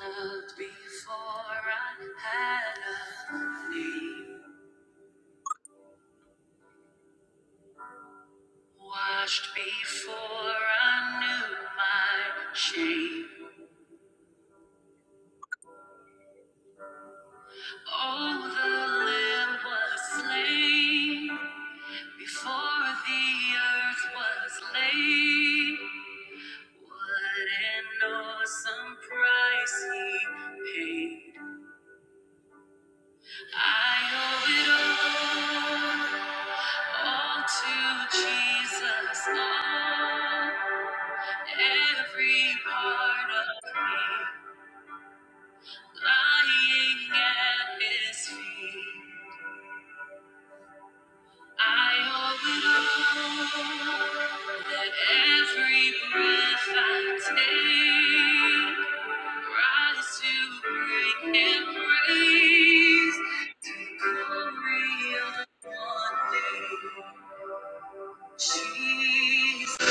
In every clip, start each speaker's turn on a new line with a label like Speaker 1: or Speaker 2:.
Speaker 1: Loved before I had a name. Washed before I knew my shame. Oh, the lamb was slain before the earth was laid. What an awesome price he paid. I owe it all, all to Jesus. All. Every part of me lying at his feet. I owe it all that every breath I take rise to bring him praise. To glory on one day, Jesus.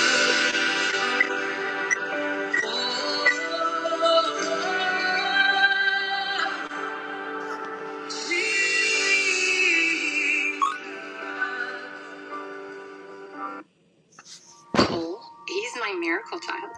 Speaker 1: Oh, He's my miracle child.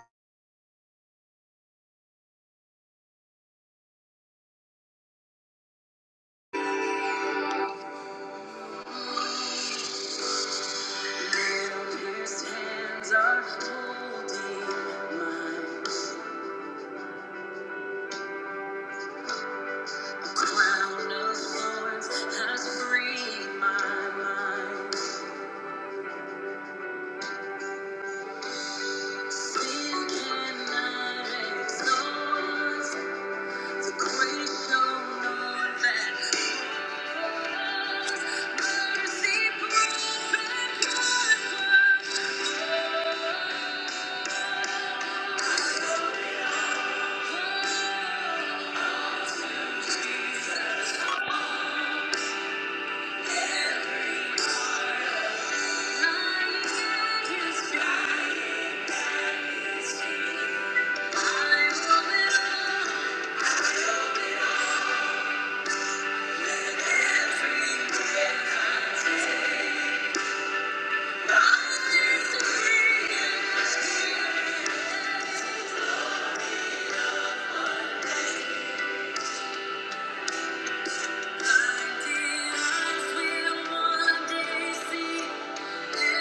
Speaker 1: Thank you.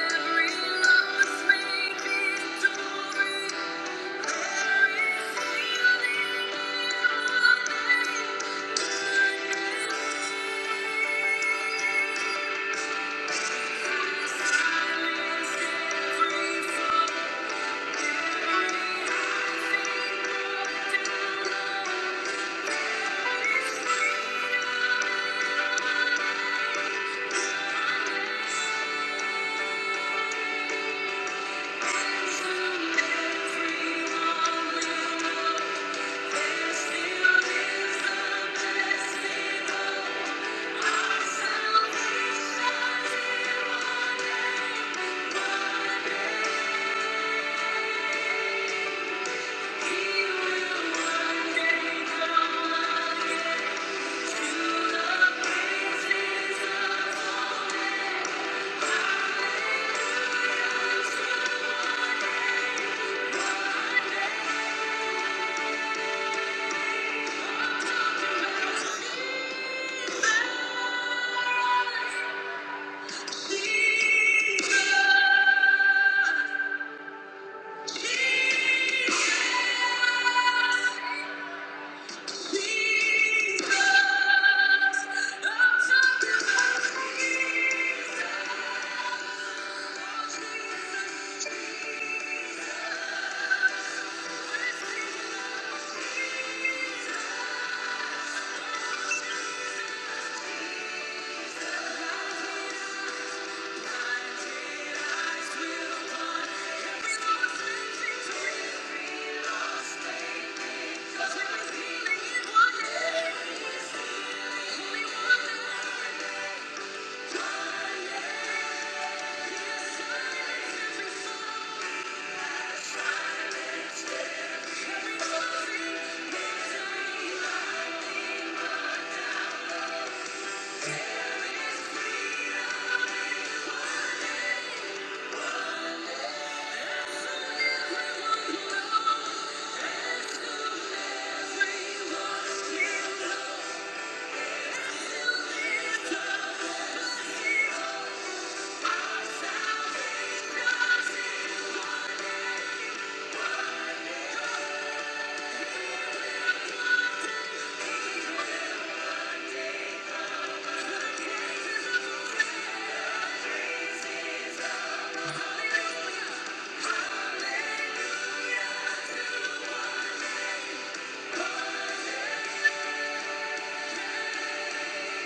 Speaker 1: Jesus! Yeah.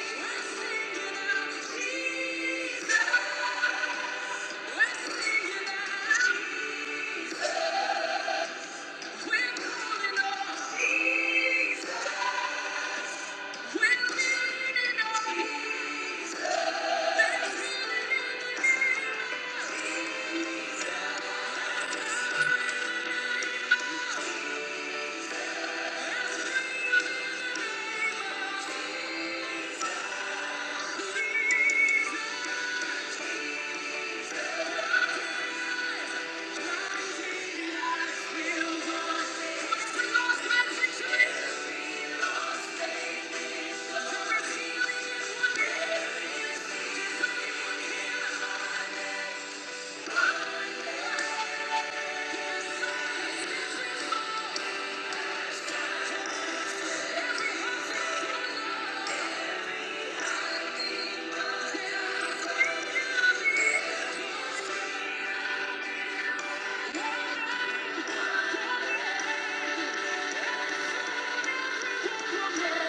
Speaker 1: Thank you. We're leaning on Jesus.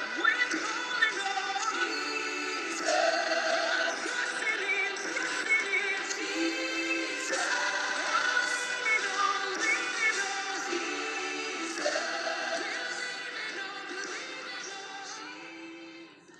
Speaker 1: We're calling on Jesus.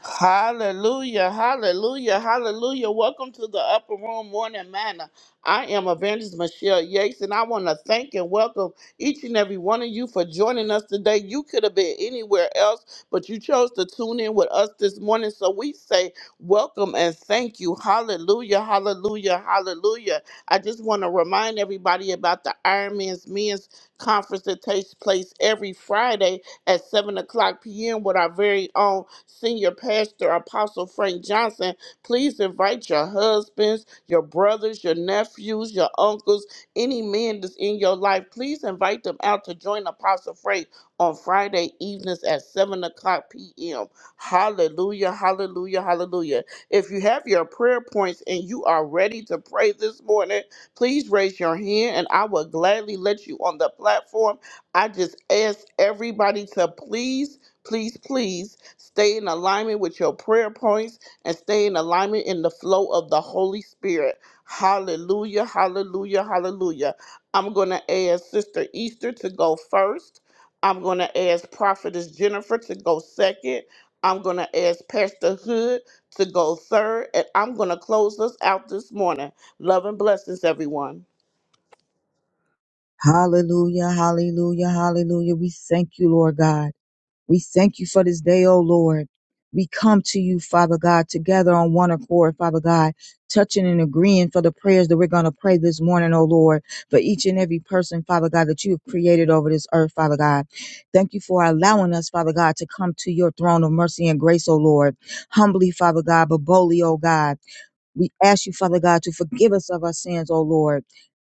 Speaker 1: Hallelujah, hallelujah, hallelujah. Welcome to the Upper Room Morning Manor. I am Evangelist Michelle Yates, and I want to thank and welcome each and every one of you for joining us today. You could have been anywhere else, but you chose to tune in with us this morning. So we say welcome and thank you. Hallelujah, hallelujah, hallelujah. I just want to remind everybody about the Iron Man's Men's Conference that takes place every Friday at 7 o'clock p.m. with our very own senior pastor, Apostle Frank Johnson. Please invite your husbands, your brothers, your nephews, your uncles, any man that's in your life. Please invite them out to join Apostle Frank on Friday evenings at 7 o'clock p.m. Hallelujah, hallelujah, hallelujah. If you have your prayer points and you are ready to pray this morning, please raise your hand and I will gladly let you on the platform I just ask everybody to please, please, please stay in alignment with your prayer points and stay in alignment in the flow of the Holy Spirit. Hallelujah, hallelujah, hallelujah. I'm going to ask Sister Easter to go first. I'm going to ask Prophetess Jennifer to go second. I'm going to ask Pastor Hood to go third. And I'm going to close us out this morning. Love and blessings, everyone.
Speaker 2: Hallelujah, hallelujah, hallelujah. We thank you, Lord God. We thank you for this day, O Lord. We come to you, Father God, together on one accord, Father God, touching and agreeing for the prayers that we're going to pray this morning, O Lord, for each and every person, Father God, that you have created over this earth, Father God. Thank you for allowing us, Father God, to come to your throne of mercy and grace, O Lord. Humbly, Father God, but boldly, O God. We ask you, Father God, to forgive us of our sins, O Lord.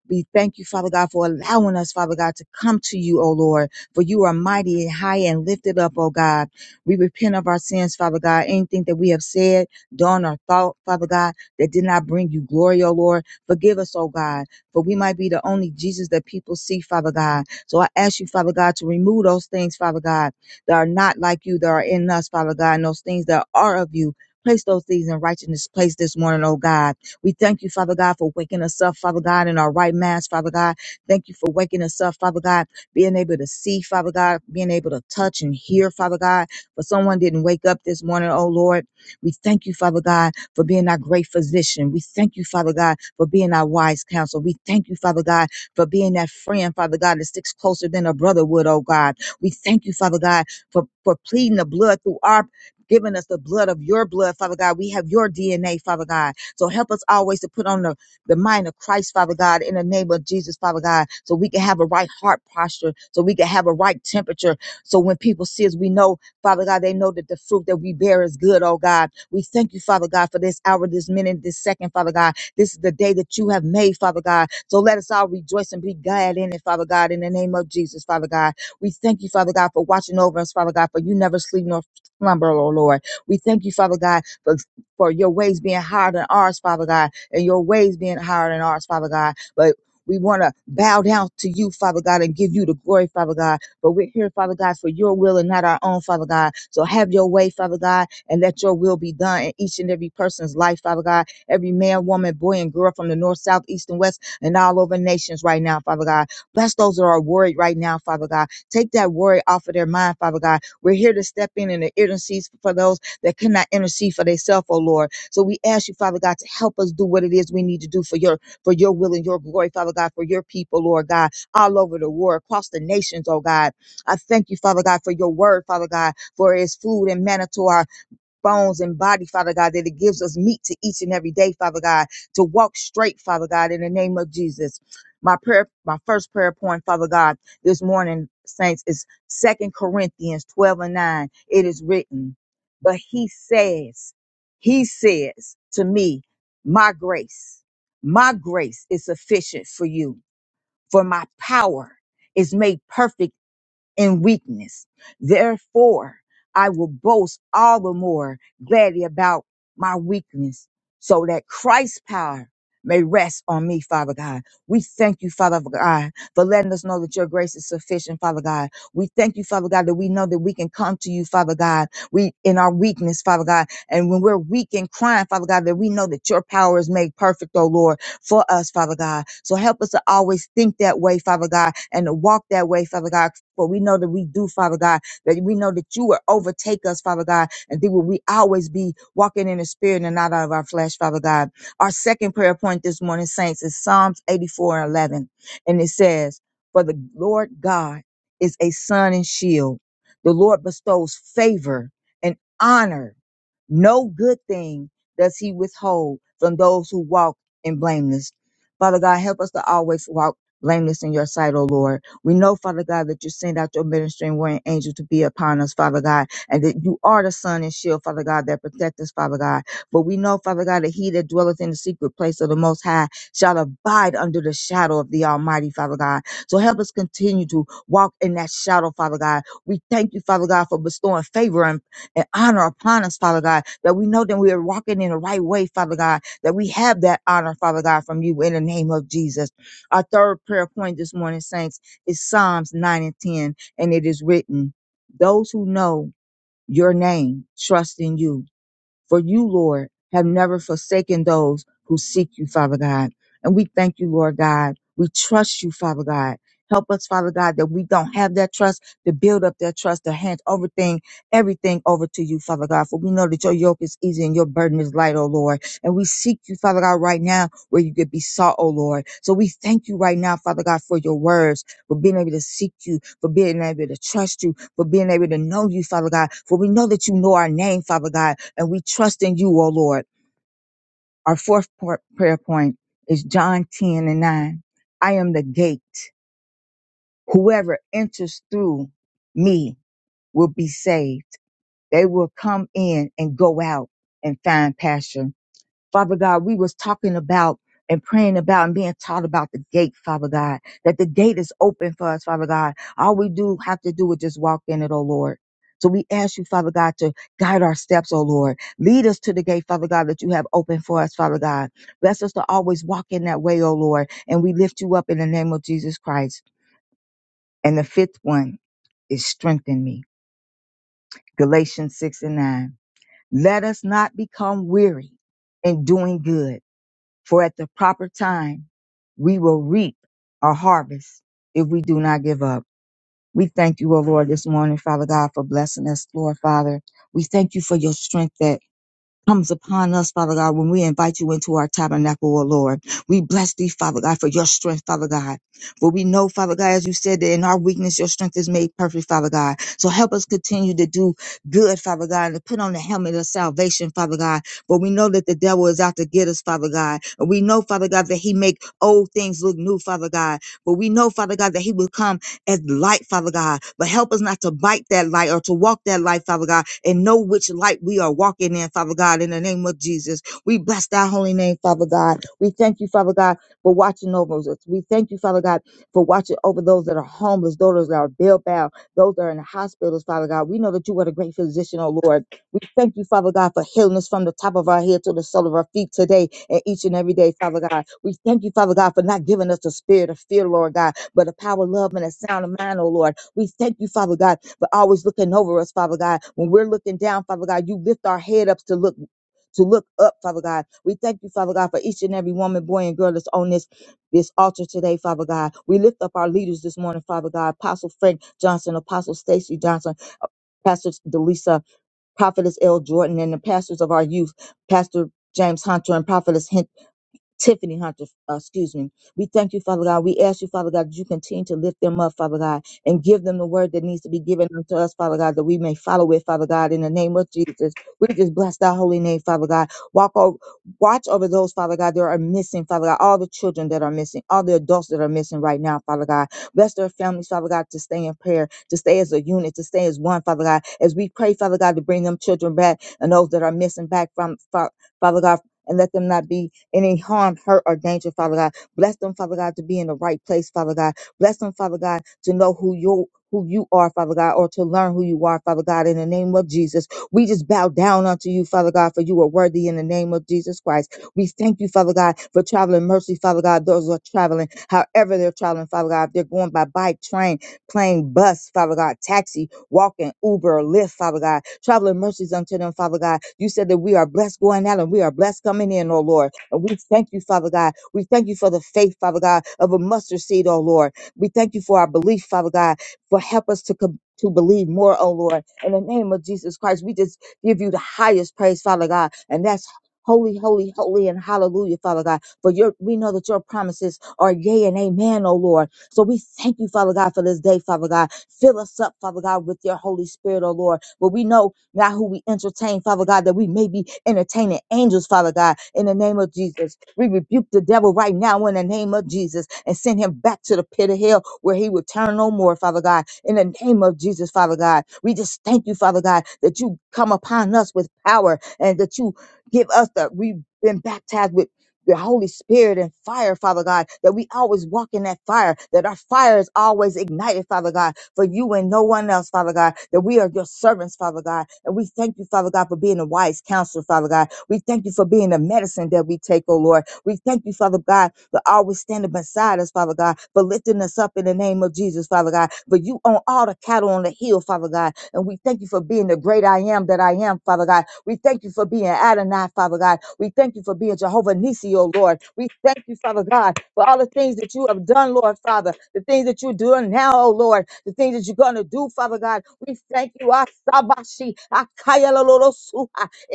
Speaker 2: We thank you, Father God, for allowing us, Father God, to come to you, O Lord, for you are mighty and high and lifted up, O God. We repent of our sins, Father God, anything that we have said, done, or thought, Father God, that did not bring you glory, O Lord. Forgive us, O God, for we might be the only Jesus that people see, Father God. So I ask you, Father God, to remove those things, Father God, that are not like you, that are in us, Father God, and those things that are of you. Place those things in righteousness place this morning, oh God. We thank you, Father God, for waking us up, Father God, in our right minds, Father God. Thank you for waking us up, Father God, being able to see, Father God, being able to touch and hear, Father God. For someone didn't wake up this morning, oh Lord. We thank you, Father God, for being our great physician. We thank you, Father God, for being our wise counsel. We thank you, Father God, for being that friend, Father God, that sticks closer than a brother would, oh God. We thank you, Father God, for, for pleading the blood through our given us the blood of your blood, Father God. We have your DNA, Father God. So help us always to put on the, the mind of Christ, Father God, in the name of Jesus, Father God, so we can have a right heart posture, so we can have a right temperature. So when people see us, we know, Father God, they know that the fruit that we bear is good, oh God. We thank you, Father God, for this hour, this minute, this second, Father God. This is the day that you have made, Father God. So let us all rejoice and be glad in it, Father God, in the name of Jesus, Father God. We thank you, Father God, for watching over us, Father God, for you never sleep nor slumber, oh Lord. We thank you, Father God, for, for your ways being higher than ours, Father God, and your ways being higher than ours, Father God. But we want to bow down to you, Father God, and give you the glory, Father God. But we're here, Father God, for your will and not our own, Father God. So have your way, Father God, and let your will be done in each and every person's life, Father God. Every man, woman, boy, and girl from the north, south, east, and west, and all over nations right now, Father God. Bless those that are worried right now, Father God. Take that worry off of their mind, Father God we're here to step in and to intercede for those that cannot intercede for themselves, oh Lord. So we ask you, Father God, to help us do what it is we need to do for your for your will and your glory, Father God, for your people, Lord God, all over the world, across the nations, oh God. I thank you, Father God, for your word, Father God, for it's food and manna to our bones and body, Father God, that it gives us meat to each and every day, Father God, to walk straight, Father God, in the name of Jesus. My prayer, my first prayer point, Father God, this morning, saints, is Second Corinthians 12 and 9. It is written, but he says, he says to me, my grace, my grace is sufficient for you, for my power is made perfect in weakness. Therefore, I will boast all the more gladly about my weakness so that Christ's power may rest on me, Father God. We thank you, Father God, for letting us know that your grace is sufficient, Father God. We thank you, Father God, that we know that we can come to you, Father God, we in our weakness, Father God. And when we're weak and crying, Father God, that we know that your power is made perfect, oh Lord for us, Father God. So help us to always think that way, Father God, and to walk that way, Father God. For we know that we do, Father God, that we know that you will overtake us, Father God, and that we always be walking in the spirit and not out of our flesh, Father God. Our second prayer point this morning, saints, is Psalms 84 and 11. And it says, For the Lord God is a sun and shield. The Lord bestows favor and honor. No good thing does he withhold from those who walk and blameless. Father God, help us to always walk blameless in your sight, O Lord. We know, Father God, that you send out your ministering warring angel to be upon us, Father God, and that you are the sun and shield, Father God, that protect us, Father God. But we know, Father God, that he that dwelleth in the secret place of the Most High shall abide under the shadow of the Almighty, Father God. So help us continue to walk in that shadow, Father God. We thank you, Father God, for bestowing favor and, and honor upon us, Father God, that we know that we are walking in the right way, Father God, that we have that honor, Father God, from you in the name of Jesus. Our third prayer point this morning, saints, is Psalms 9 and 10, and it is written, Those who know your name trust in you for you, Lord, have never forsaken those who seek you, Father God. And we thank you, Lord God. We trust you, Father God. Help us, Father God, that we don't have that trust, to build up that trust, to hand over thing, everything over to you, Father God. For we know that your yoke is easy and your burden is light, O Lord. And we seek you, Father God, right now where you could be sought, O Lord. So we thank you right now, Father God, for your words, for being able to seek you, for being able to trust you, for being able to know you, Father God. For we know that you know our name, Father God, and we trust in you, O Lord. Our fourth por- prayer point is John 10 and 9. I am the gate. Whoever enters through me will be saved. They will come in and go out and find pasture. Father God, we was talking about and praying about and being taught about the gate, Father God, that the gate is open for us, Father God. All we do have to do is just walk in it, oh Lord. So we ask you, Father God, to guide our steps, oh Lord. Lead us to the gate, Father God, that you have open for us, Father God. Bless us to always walk in that way, oh Lord. And we lift you up in the name of Jesus Christ. And the fifth one is strengthen me. Galatians 6 and 9. Let us not become weary in doing good For at the proper time, we will reap a harvest if we do not give up. We thank you, O Lord, this morning, Father God, for blessing us, Lord Father. We thank you for your strength that comes upon us, Father God, when we invite you into our tabernacle, O Lord. We bless thee, Father God, for your strength, Father God. For we know, Father God, as you said, that in our weakness, your strength is made perfect, Father God. So help us continue to do good, Father God, and to put on the helmet of salvation, Father God. For we know that the devil is out to get us, Father God. And we know, Father God, that he make old things look new, Father God. But we know, Father God, that he will come as light, Father God. But help us not to bite that light or to walk that light, Father God, and know which light we are walking in, Father God, in the name of Jesus. We bless thy holy name, Father God. We thank you, Father God, for watching over us. We thank you, Father God, for watching over those that are homeless, those that are bail-bound, those that are in the hospitals, Father God. We know that you are the great physician, oh Lord. We thank you, Father God, for healing us from the top of our head to the sole of our feet today and each and every day, Father God. We thank you, Father God, for not giving us the spirit of fear, Lord God but a power, love, and a sound of mind, oh Lord. We thank you, Father God, for always looking over us, Father God. When we're looking down, Father God, you lift our head up to look. To look up, Father God. We thank you, Father God, for each and every woman, boy, and girl that's on this this altar today, Father God. We lift up our leaders this morning, Father God. Apostle Frank Johnson, Apostle Stacy Johnson, Pastor Delisa, Prophetess L. Jordan, and the pastors of our youth, Pastor James Hunter and Prophetess Hen- Tiffany Hunter, uh, excuse me. We thank you, Father God. We ask you, Father God, that you continue to lift them up, Father God, and give them the word that needs to be given unto us, Father God, that we may follow it, Father God, in the name of Jesus. We just bless thy holy name, Father God. Walk over, watch over those, Father God, that are missing, Father God, all the children that are missing, all the adults that are missing right now, Father God. Bless their families, Father God, to stay in prayer, to stay as a unit, to stay as one, Father God, as we pray, Father God, to bring them children back and those that are missing back from, Fa- Father God, and let them not be any harm, hurt, or danger, Father God. Bless them, Father God, to be in the right place, Father God. Bless them, Father God, to know who you who you are, Father God, or to learn who you are, Father God, in the name of Jesus. We just bow down unto you, Father God, for you are worthy in the name of Jesus Christ. We thank you, Father God, for traveling mercy, Father God, those who are traveling, however they're traveling, Father God, if they're going by bike, train, plane, bus, Father God, taxi, walking, Uber, or Lyft, Father God, traveling mercies unto them, Father God. You said that we are blessed going out and we are blessed coming in, oh Lord. And we thank you, Father God. We thank you for the faith, Father God, of a mustard seed, oh Lord. We thank you for our belief, Father God, for help us to com- to believe more, oh Lord. In the name of Jesus Christ, we just give you the highest praise, Father God. And that's holy, holy, holy, and hallelujah, Father God. For your we know that your promises are yea and amen, oh Lord. So we thank you, Father God, for this day, Father God. Fill us up, Father God, with your Holy Spirit, oh Lord. But we know God, who we entertain, Father God, that we may be entertaining angels, Father God, in the name of Jesus. We rebuke the devil right now in the name of Jesus and send him back to the pit of hell where he will turn no more, Father God, in the name of Jesus, Father God. We just thank you, Father God, that you come upon us with power and that you give us the, we've been baptized with the Holy Spirit and fire, Father God, that we always walk in that fire, that our fire is always ignited, Father God, for you and no one else, Father God, that we are your servants, Father God. And we thank you, Father God, for being a wise counselor, Father God. We thank you for being the medicine that we take, oh Lord. We thank you, Father God, for always standing beside us, Father God, for lifting us up in the name of Jesus, Father God. For you own all the cattle on the hill, Father God. And we thank you for being the great I am that I am, Father God. We thank you for being Adonai, Father God. We thank you for being Jehovah Nissi, oh Lord. We thank you, Father God, for all the things that you have done, Lord Father, the things that you're doing now, oh Lord, the things that you're going to do, Father God. We thank you. Ah, sabashi, ah,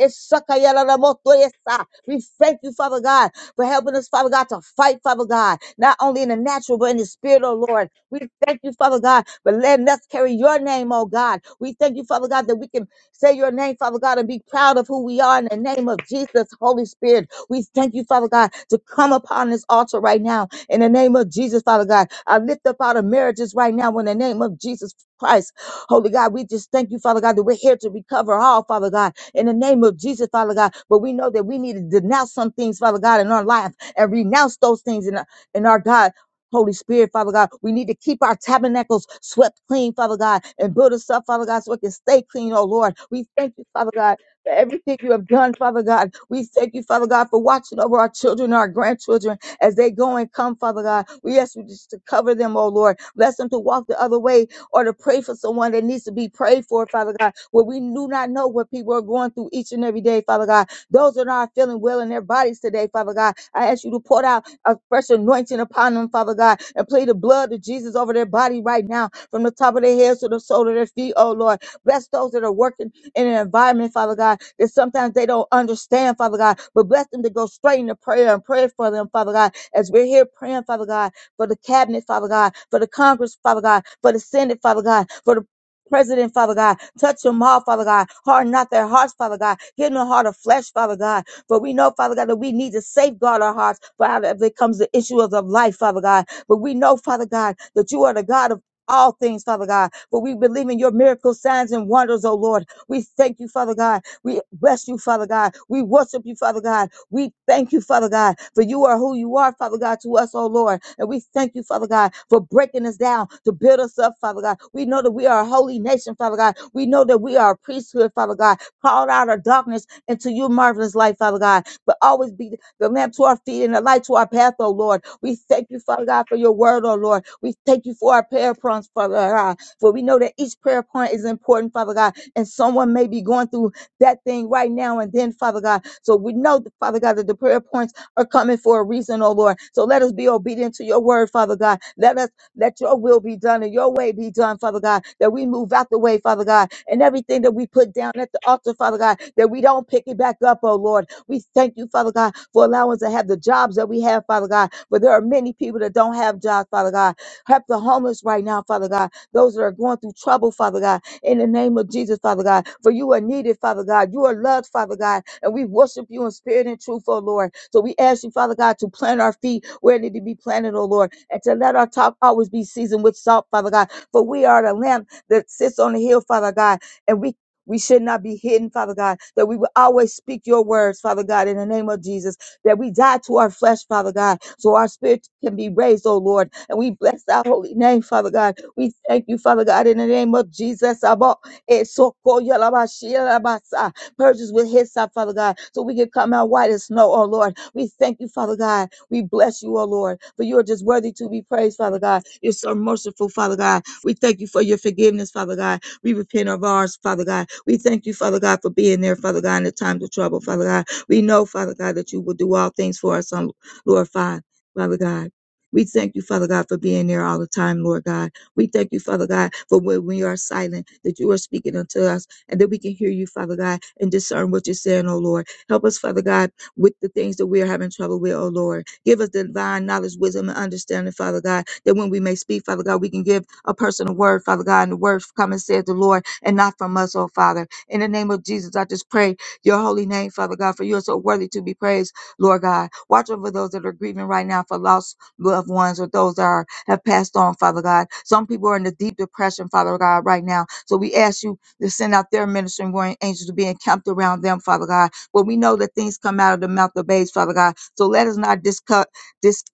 Speaker 2: esakayalalamotoyesa. We thank you, Father God, for helping us, Father God, to fight, Father God, not only in the natural, but in the spirit, oh Lord. We thank you, Father God, for letting us carry your name, oh God. We thank you, Father God, that we can say your name, Father God, and be proud of who we are in the name of Jesus, Holy Spirit. We thank you, Father God, to come upon this altar right now in the name of Jesus, Father God. I lift up out of marriages right now in the name of Jesus Christ. Holy God, we just thank you, Father God, that we're here to recover all, Father God, in the name of Jesus, Father God. But we know that we need to denounce some things, Father God, in our life and renounce those things in, in our God. Holy Spirit, Father God, we need to keep our tabernacles swept clean, Father God, and build us up, Father God, so it can stay clean, oh Lord. We thank you, Father God, for everything you have done, Father God. We thank you, Father God, for watching over our children, our grandchildren, as they go and come, Father God. We ask you just to cover them, oh Lord. Bless them to walk the other way or to pray for someone that needs to be prayed for, Father God. Where we do not know what people are going through each and every day, Father God. Those that are not feeling well in their bodies today, Father God. I ask you to pour out a fresh anointing upon them, Father God, and play the blood of Jesus over their body right now, from the top of their heads to the sole of their feet, oh Lord. Bless those that are working in an environment, Father God, that sometimes they don't understand, Father God, but bless them to go straight into prayer and pray for them, Father God, as we're here praying, Father God, for the cabinet, Father God, for the Congress, Father God, for the Senate, Father God, for the President, Father God, touch them all, Father God. Harden not their hearts, Father God. Give them a heart of flesh, Father God. For we know, Father God, that we need to safeguard our hearts. For out of it comes the issue of the life, Father God. But we know, Father God, that you are the God of all things, Father God. For we believe in your miracles, signs, and wonders, oh Lord. We thank you, Father God. We bless you, Father God. We worship you, Father God. We thank you, Father God, for you are who you are, Father God, to us, oh Lord. And we thank you, Father God, for breaking us down to build us up, Father God. We know that we are a holy nation, Father God. We know that we are a priesthood, Father God, called out of darkness into your marvelous light, Father God. But always be the lamp to our feet and the light to our path, oh Lord. We thank you, Father God, for your word, oh Lord. We thank you for our prayer points, Father God. For we know that each prayer point is important, Father God and someone may be going through that thing right now and then, Father God. So we know, Father God, that the prayer points are coming for a reason, oh Lord. So let us be obedient to your word, Father God. Let us let your will be done and your way be done, Father God, that we move out the way, Father God, and everything that we put down at the altar, Father God, that we don't pick it back up, oh Lord. We thank you, Father God, for allowing us to have the jobs that we have, Father God. But there are many people that don't have jobs, Father God. Help the homeless right now, Father God. Those that are going through trouble, Father God in the name of Jesus, Father God. For you are needed, Father God. You are loved, Father God. And we worship you in spirit and truth, oh Lord. So we ask you, Father God, to plant our feet where it need to be planted, oh Lord. And to let our talk always be seasoned with salt, Father God. For we are the lamp that sits on the hill, Father God. And we we should not be hidden, Father God, that we will always speak your words, Father God, in the name of Jesus, that we die to our flesh, Father God, so our spirit can be raised, oh Lord. And we bless thy holy name, Father God, we thank you, Father God, in the name of Jesus. Abba, Esoko Yalabashi Yalabasa. Purge us with his up, Father God, so we can come out white as snow, oh Lord. We thank you, Father God. We bless you, oh Lord, for you are just worthy to be praised, Father God. You're so merciful, Father God. We thank you for your forgiveness, Father God. We repent of ours, Father God. We thank you, Father God, for being there, Father God, in the times of trouble, Father God. We know, Father God, that you will do all things for us, oh Lord, Father Father God. We thank you, Father God, for being there all the time, Lord God. We thank you, Father God, for when we are silent, that you are speaking unto us and that we can hear you, Father God, and discern what you're saying, oh Lord. Help us, Father God, with the things that we are having trouble with, oh Lord. Give us divine knowledge, wisdom, and understanding, Father God, that when we may speak, Father God, we can give a person a word, Father God, and the word come and said the Lord and not from us, oh Father. In the name of Jesus, I just pray your holy name, Father God, for you are so worthy to be praised, Lord God. Watch over those that are grieving right now for loss loved ones or those that are, have passed on, Father God. Some people are in the deep depression, Father God, right now. So we ask you to send out their ministering warring angels to be encamped around them, Father God. But we know that things come out of the mouth of babes, Father God. So let us not discut, dis,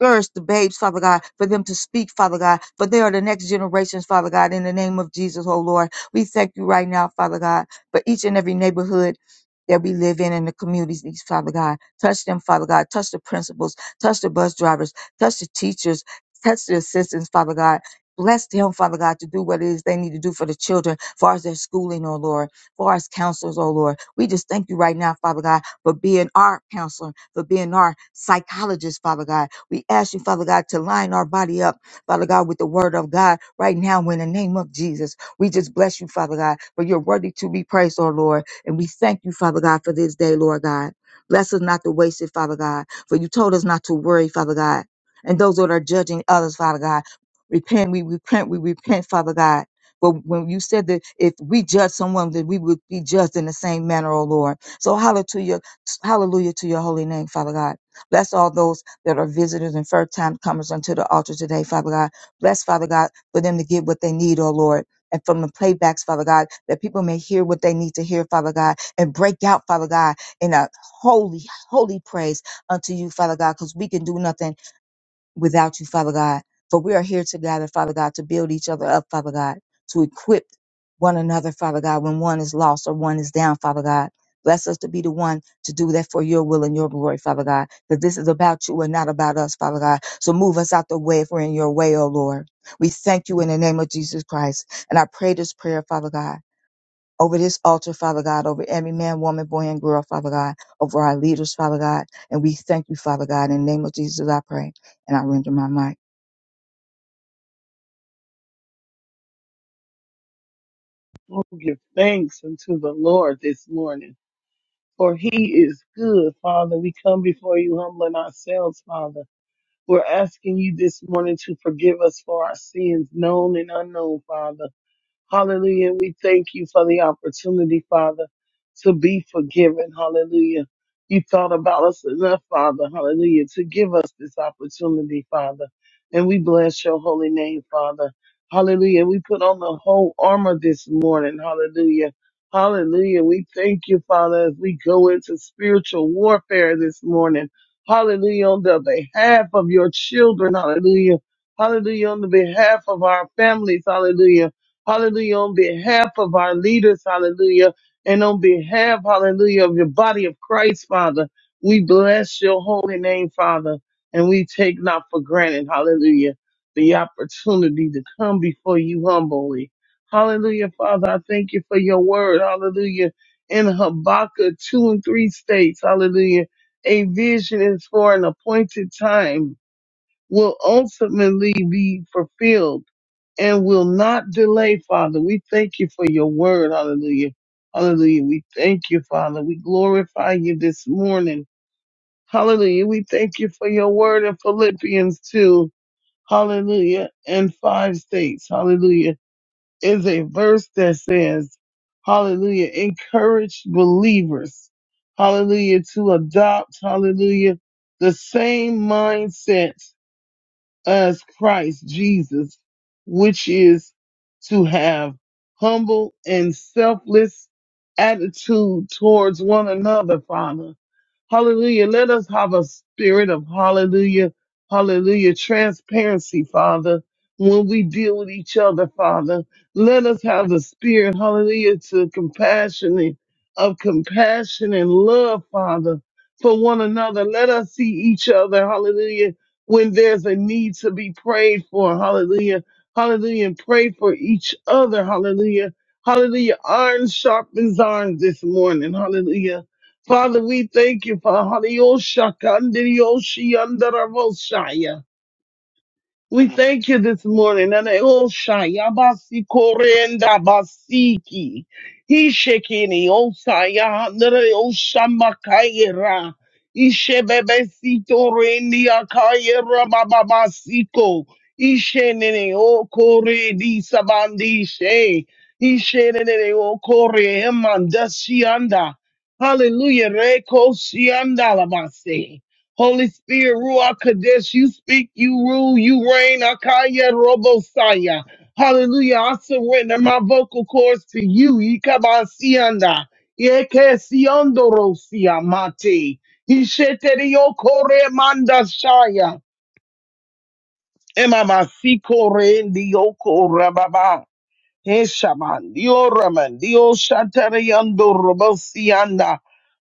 Speaker 2: Girds the babes, Father God, for them to speak, Father God, for they are the next generations, Father God, in the name of Jesus, oh Lord. We thank you right now, Father God, for each and every neighborhood that we live in and the communities, Father God. Touch them, Father God. Touch the principals, touch the bus drivers, touch the teachers, touch the assistants, Father God. Bless them, Father God, to do what it is they need to do for the children, far as their schooling, oh Lord, far as counselors, oh Lord. We just thank you right now, Father God, for being our counselor, for being our psychologist, Father God. We ask you, Father God, to line our body up, Father God, with the word of God right now in the name of Jesus. We just bless you, Father God, for you're worthy to be praised, oh Lord. And we thank you, Father God, for this day, Lord God. Bless us not to waste it, Father God, for you told us not to worry, Father God. And those that are judging others, Father God, repent, we repent, we repent, Father God. But when you said that if we judge someone, that we would be judged in the same manner, oh Lord. So hallelujah Hallelujah to your holy name, Father God. Bless all those that are visitors and first time comers unto the altar today, Father God. Bless, Father God, for them to get what they need, oh Lord. And from the playbacks, Father God, that people may hear what they need to hear, Father God, and break out, Father God, in a holy, holy praise unto you, Father God, because we can do nothing without you, Father God. For we are here together, Father God, to build each other up, Father God, to equip one another, Father God, when one is lost or one is down, Father God. Bless us to be the one to do that for your will and your glory, Father God. That this is about you and not about us, Father God. So move us out the way if we're in your way, O Lord. We thank you in the name of Jesus Christ. And I pray this prayer, Father God over this altar, Father God, over every man, woman, boy, and girl, Father God, over our leaders, Father God. And we thank you, Father God. In the name of Jesus, I pray. And I render my mic.
Speaker 3: Oh, give thanks unto the Lord this morning, for he is good, Father. We come before you humbling ourselves, Father. We're asking you this morning to forgive us for our sins, known and unknown, Father. Hallelujah. And We thank you for the opportunity, Father, to be forgiven. Hallelujah. You thought about us enough, Father. Hallelujah. To give us this opportunity, Father. And we bless your holy name, Father. Hallelujah. And We put on the whole armor this morning. Hallelujah. Hallelujah. We thank you, Father, as we go into spiritual warfare this morning. Hallelujah. On the behalf of your children. Hallelujah. Hallelujah. On the behalf of our families. Hallelujah hallelujah, on behalf of our leaders, hallelujah, and on behalf, hallelujah, of your body of Christ, Father. We bless your holy name, Father, and we take not for granted, hallelujah, the opportunity to come before you humbly. Hallelujah, Father, I thank you for your word, hallelujah, in Habakkuk 2 and 3 states, hallelujah. A vision is for an appointed time will ultimately be fulfilled and will not delay, Father. We thank you for your word. Hallelujah. Hallelujah. We thank you, Father. We glorify you this morning. Hallelujah. We thank you for your word in Philippians 2. Hallelujah. And five states. Hallelujah. Is a verse that says, Hallelujah. Encourage believers. Hallelujah. To adopt, hallelujah, the same mindset as Christ Jesus, which is to have humble and selfless attitude towards one another, Father Hallelujah. Let us have a spirit of hallelujah, hallelujah, transparency, Father, when we deal with each other, Father. Let us have the spirit, hallelujah, to compassion, of compassion and love, Father, for one another. Let us see each other, hallelujah, when there's a need to be prayed for, hallelujah, hallelujah, and pray for each other, hallelujah. Hallelujah. Iron sharpens iron this morning. Hallelujah. Father, we thank you for Hadiosha Kandirioshi Andaravosaya. We thank you this morning. And they all shy. Yabasi korenda basiki. He shekini osaya. Nere oshamakayera. Ishe bebesito rendi akayera bababasiko. Ishe nene o kore di sabandi she. Ishe nene o kore emandashi anda. Hallelujah. Reko sianda labase. Holy Spirit, Ruach Kadesh, you speak, you rule, you reign. Akaya Robosaya. Hallelujah. I surrender my vocal cords to you. Ikabasianda. Yekesiondosia mate. Isheterio kore manda shaya. Emama sikore ndioko he shaman, dio raman, dio shatariando robosianda,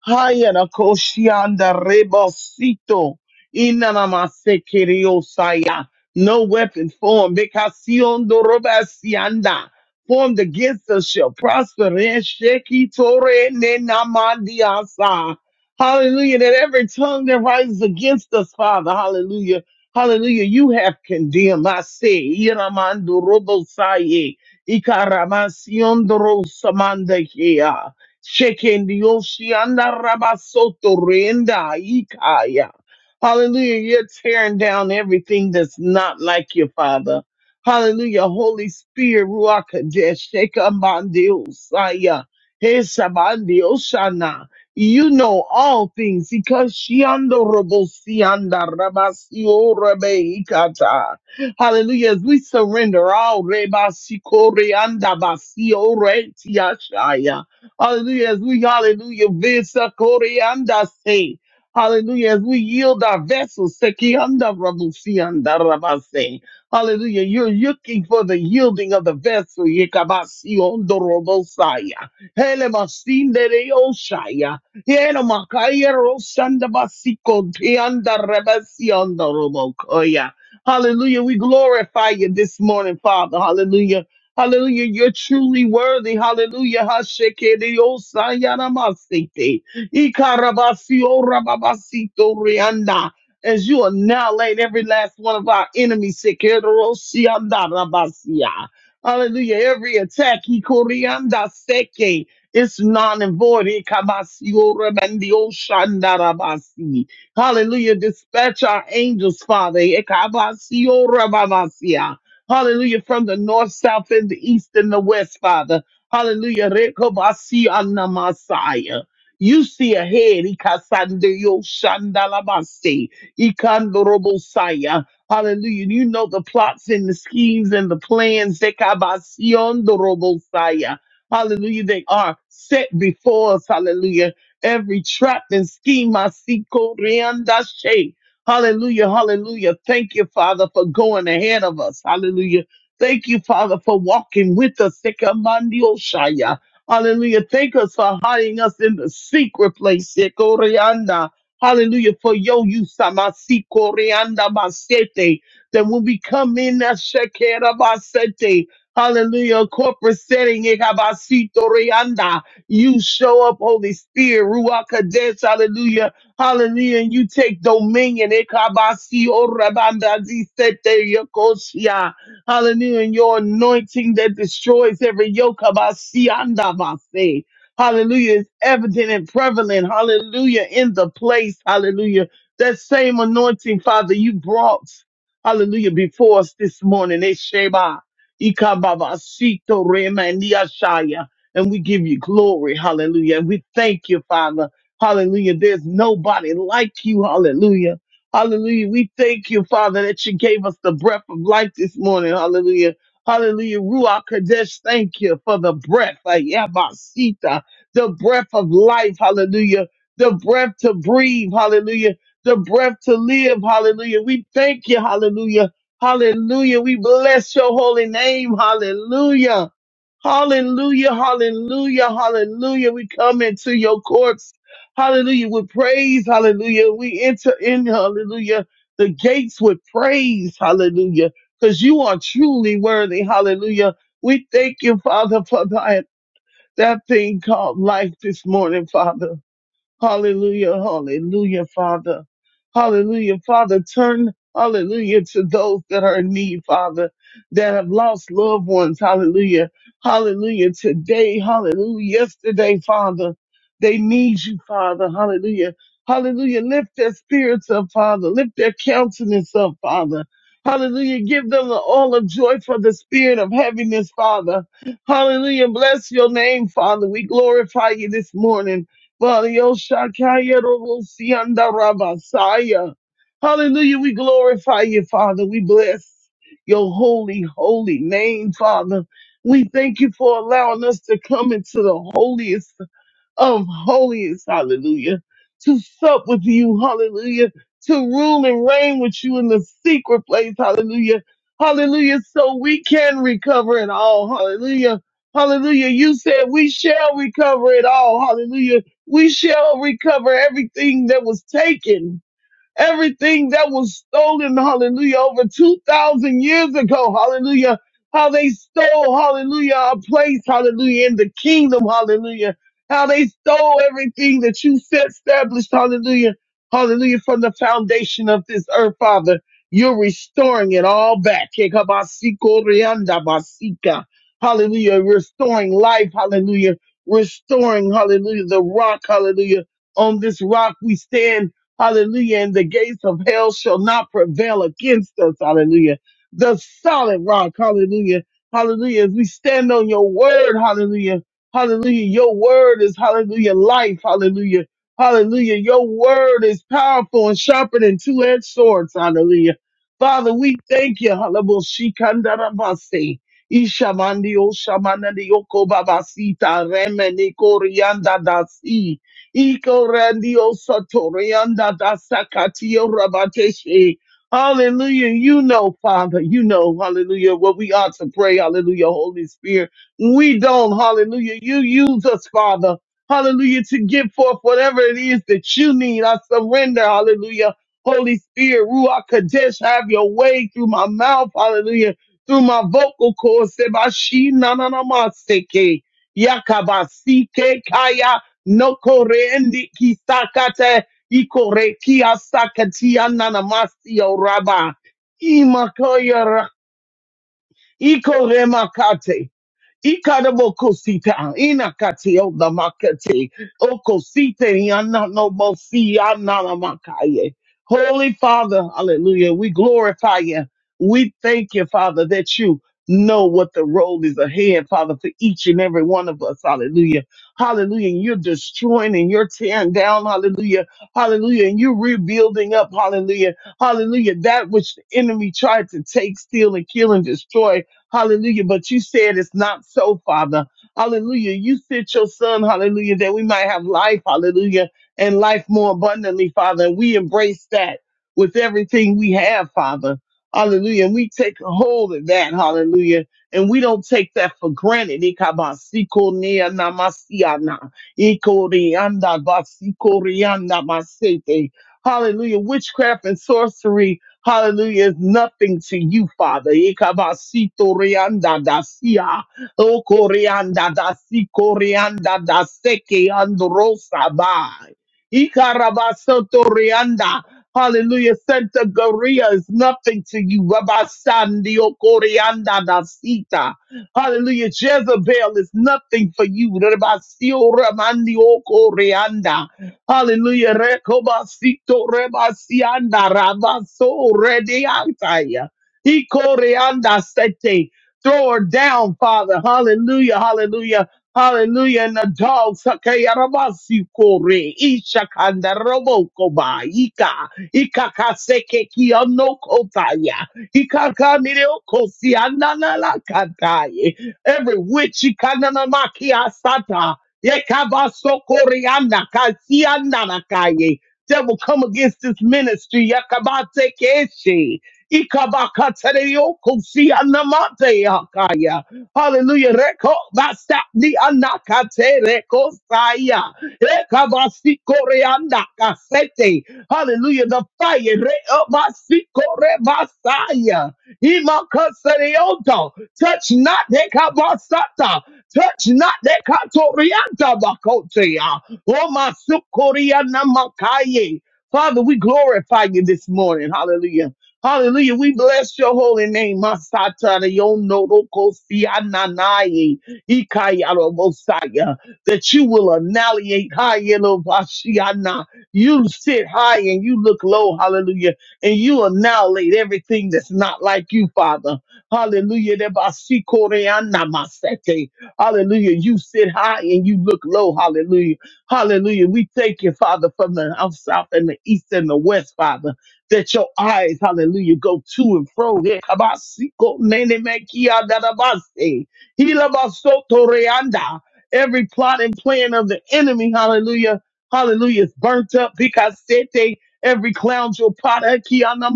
Speaker 3: hayana koshianda rebosito, inanamase kiriosaya. No weapon formed, bekasiondo robasianda, formed against us shall prosper. and sheki tore ne namandiasa. Hallelujah, that every tongue that rises against us, Father, hallelujah, hallelujah, you have condemned. I say, inamando robosaye. Ikaramasion Drosamandahia. Shekendioshanda Rabasoto Renda Ikaya. Hallelujah. You're tearing down everything that's not like you, Father. Hallelujah. Holy Spirit, Ruach Kadesh, Shekamandiosaya, Hesabandioshana. You know all things. Ikashiando Robosianda Rabasio Rebeikata. Hallelujah. As we surrender all rebasikore andabasio retiashaya. Hallelujah. As we hallelujah visakore andase. Hallelujah. As we yield our vessels, seki andarabusi andarabase. Hallelujah. You're looking for the yielding of the vessel. Yekabasi ondorobosaya. Helemasindere oshaya. Yenomakaya rosandabasiko teandarabasi ondorobokoya. Hallelujah. We glorify you this morning, Father. Hallelujah. Hallelujah. You're truly worthy. Hallelujah. Hashekediosayanamastete. Ikarabasiorababasito As you annihilate every last one of our enemies. Sekerosiandarabasia. Hallelujah. Every attack, ikorianda seke, it's non and void. Ikabasiorabandiosandarabasi. Hallelujah. Dispatch our angels, Father. Ekabasiorabamasia. Hallelujah. From the north, south, and the east, and the west, Father. Hallelujah. Rekobasianamasaya. You see ahead. Ikasandeyoshandalabasi. Ikandorobosaya. Hallelujah. You know the plots and the schemes and the plans. Ekabasiondorobosaya. Hallelujah. They are set before us. Hallelujah every trap and scheme I see. Koreanda Shay. Hallelujah, hallelujah. Thank you, Father, for going ahead of us. Hallelujah. Thank you, Father, for walking with us. Sekamandio Shaya. Hallelujah. Thank us for hiding us in the secret place. Sekorianda. Hallelujah. For yo, you samasi corianda masete. That when we come in that shekera basete. Hallelujah. Corporate setting. Ekabasito rianda. You show up, Holy Spirit, Ruach Kadesh, hallelujah, hallelujah, and you take dominion. Ekabasi orabandazi sete yokoshia. Hallelujah, and your anointing that destroys every yoke. Kabasi andabase. Hallelujah, is evident and prevalent. Hallelujah, in the place. Hallelujah. That same anointing, Father, you brought, hallelujah, before us this morning. Esheba. Ikababasito remandiashaya and we give you glory. Hallelujah. And we thank you, Father. Hallelujah. There's nobody like you. Hallelujah. Hallelujah. We thank you, Father, that you gave us the breath of life this morning. Hallelujah. Hallelujah. Ruach Kadesh, thank you for the breath. uh, The breath of life. Hallelujah. The breath to breathe. Hallelujah. The breath to live. Hallelujah. We thank you. Hallelujah. Hallelujah. We bless your holy name. Hallelujah. Hallelujah, hallelujah, hallelujah. We come into your courts. Hallelujah, with praise. Hallelujah. We enter in, hallelujah, the gates with praise. Hallelujah, because you are truly worthy. Hallelujah. We thank you, Father, for that, that thing called life this morning, Father. Hallelujah, hallelujah, Father. Hallelujah, Father. Turn, hallelujah, to those that are in need, Father, that have lost loved ones. Hallelujah, hallelujah. Today, hallelujah. Yesterday, Father, they need you, Father. Hallelujah, hallelujah. Lift their spirits up, Father. Lift their countenance up, Father. Hallelujah. Give them the all of joy for the spirit of heaviness, Father. Hallelujah. Bless your name, Father. We glorify you this morning. Shakaya Hallelujah. We glorify you, Father. We bless your holy, holy name, Father. We thank you for allowing us to come into the holiest of holies, hallelujah, to sup with you, hallelujah, to rule and reign with you in the secret place, hallelujah, hallelujah, so we can recover it all, hallelujah, hallelujah. You said we shall recover it all, hallelujah. We shall recover everything that was taken everything that was stolen, hallelujah, over 2,000 years ago, hallelujah, how they stole, hallelujah, our place, hallelujah, in the kingdom, hallelujah, how they stole everything that you set established, hallelujah, hallelujah, from the foundation of this earth, Father. You're restoring it all back. Hallelujah. Restoring life. Hallelujah. Restoring, hallelujah, the rock. Hallelujah. On this rock we stand Hallelujah. And the gates of hell shall not prevail against us. Hallelujah. The solid rock. Hallelujah. Hallelujah. As we stand on your word. Hallelujah. Hallelujah. Your word is hallelujah. Life. Hallelujah. Hallelujah. Your word is powerful and sharper than two edged swords. Hallelujah. Father, we thank you. Hallelujah. Shikandarabase. Ishamandi oshamanandi yokobabasita remeniko riandadasi. Iko randio satorianda da sakatio rabateshe. Hallelujah. You know, Father, you know, hallelujah, what we ought to pray. Hallelujah, Holy Spirit. We don't, hallelujah. You use us, Father. Hallelujah, to give forth whatever it is that you need. I surrender, hallelujah. Holy Spirit, Ruach Kadesh, have your way through my mouth, hallelujah, through my vocal cords. Sebashi, nananamaseke na Yakabasike kaya no korendi kisakate ikore kia sakatia nanamasio raba imakoyara ikore makate Ikadabokosita, inakati odamakati, okosite, yananobosi, yananamakaye. Holy Father, hallelujah, we glorify you. We thank you, Father, that you know what the road is ahead, Father, for each and every one of us. Hallelujah. Hallelujah. And you're destroying and you're tearing down. Hallelujah. Hallelujah. And you're rebuilding up. Hallelujah. Hallelujah. That which the enemy tried to take, steal, and kill and destroy. Hallelujah. But you said it's not so, Father. Hallelujah. You sent your son, hallelujah, that we might have life, hallelujah, and life more abundantly, Father. And we embrace that with everything we have, Father. Hallelujah. And we take hold of that, hallelujah. And we don't take that for granted. Ikabasikonianamasiana, ikoriandabasikoriyanamasete. Hallelujah. Witchcraft and sorcery Hallelujah is nothing to you, Father. Ikabasito rianda dasia, o corianda dasi corianda siko rianda da seke androsa bai. Ikarabasoto rianda. Hallelujah. Santa Gloria is nothing to you. Rabasandi o corianda dasita. Hallelujah. Jezebel is nothing for you. Rabasio ramandi o corianda. Hallelujah. Rekobasito rebasianda rabaso rediantaya. Ikoreanda sete. Throw her down, Father. Hallelujah. Hallelujah. Hallelujah. And the dogs. Hakayarabasi kore. Ishakanda roboko ba. Ika. Ikakaseke kotaya. Ikakanireoko sianana la kataye. Every witch. Ikananamaki asata. Yekabasokoriana kasiananakaye. Devil, come against this ministry. Yakabate keshe. Ikabakatereyokosianamate yakaya. Hallelujah. Reko basta di anakate reko saya. Rekabasikoreanda kasete. Hallelujah. The fire. Rebasikore basaya. Imakasereyoto. Touch not. Rekabasata. Touch not that katorianta bakotea. Oh my sukoriana makaye. Father, we glorify you this morning. Hallelujah. Hallelujah. We bless your holy name. Masatana yonorokosiananaye. Ikayarobosaya. That you will annihilate. Hayelovashiana. You sit high and you look low. Hallelujah. And you annihilate everything that's not like you, Father. Hallelujah. Debasikoreanamasete. Hallelujah. You sit high and you look low. Hallelujah. Hallelujah. We thank you, Father, from the north, south, and the east and the west, Father, that your eyes, hallelujah, go to and fro. Yeah, kabasiko, nene, me, kia, Hila, ba, so, Every plot and plan of the enemy, hallelujah, hallelujah, is burnt up because every clown your pot, eh, kia, masate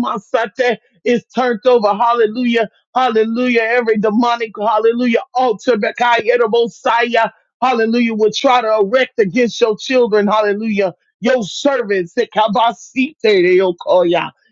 Speaker 3: is turned over, hallelujah. Hallelujah. Every demonic, hallelujah, altar, Bekai Messiah, hallelujah, will try to erect against your children. Hallelujah. Your servants, the kabasite, they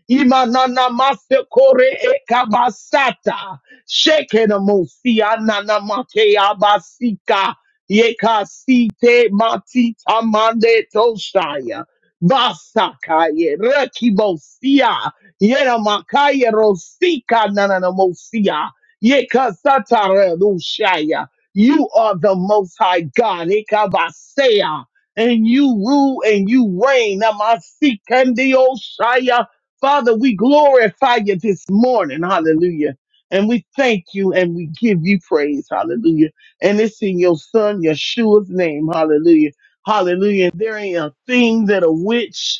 Speaker 3: Imanana masekore e kabasata. Shekenamosi ananamake abasika. Yekasite matita mande toshaya. Basakaye rekibosia. Yera makaya rosika nananamosia. Yeka satara rushaya. You are the most high God. Ikabasea. And you rule and you reign. Namasikandiosaya. Father, we glorify you this morning. Hallelujah. And we thank you and we give you praise. Hallelujah. And it's in your son, Yeshua's name. Hallelujah. Hallelujah. There ain't a thing that a witch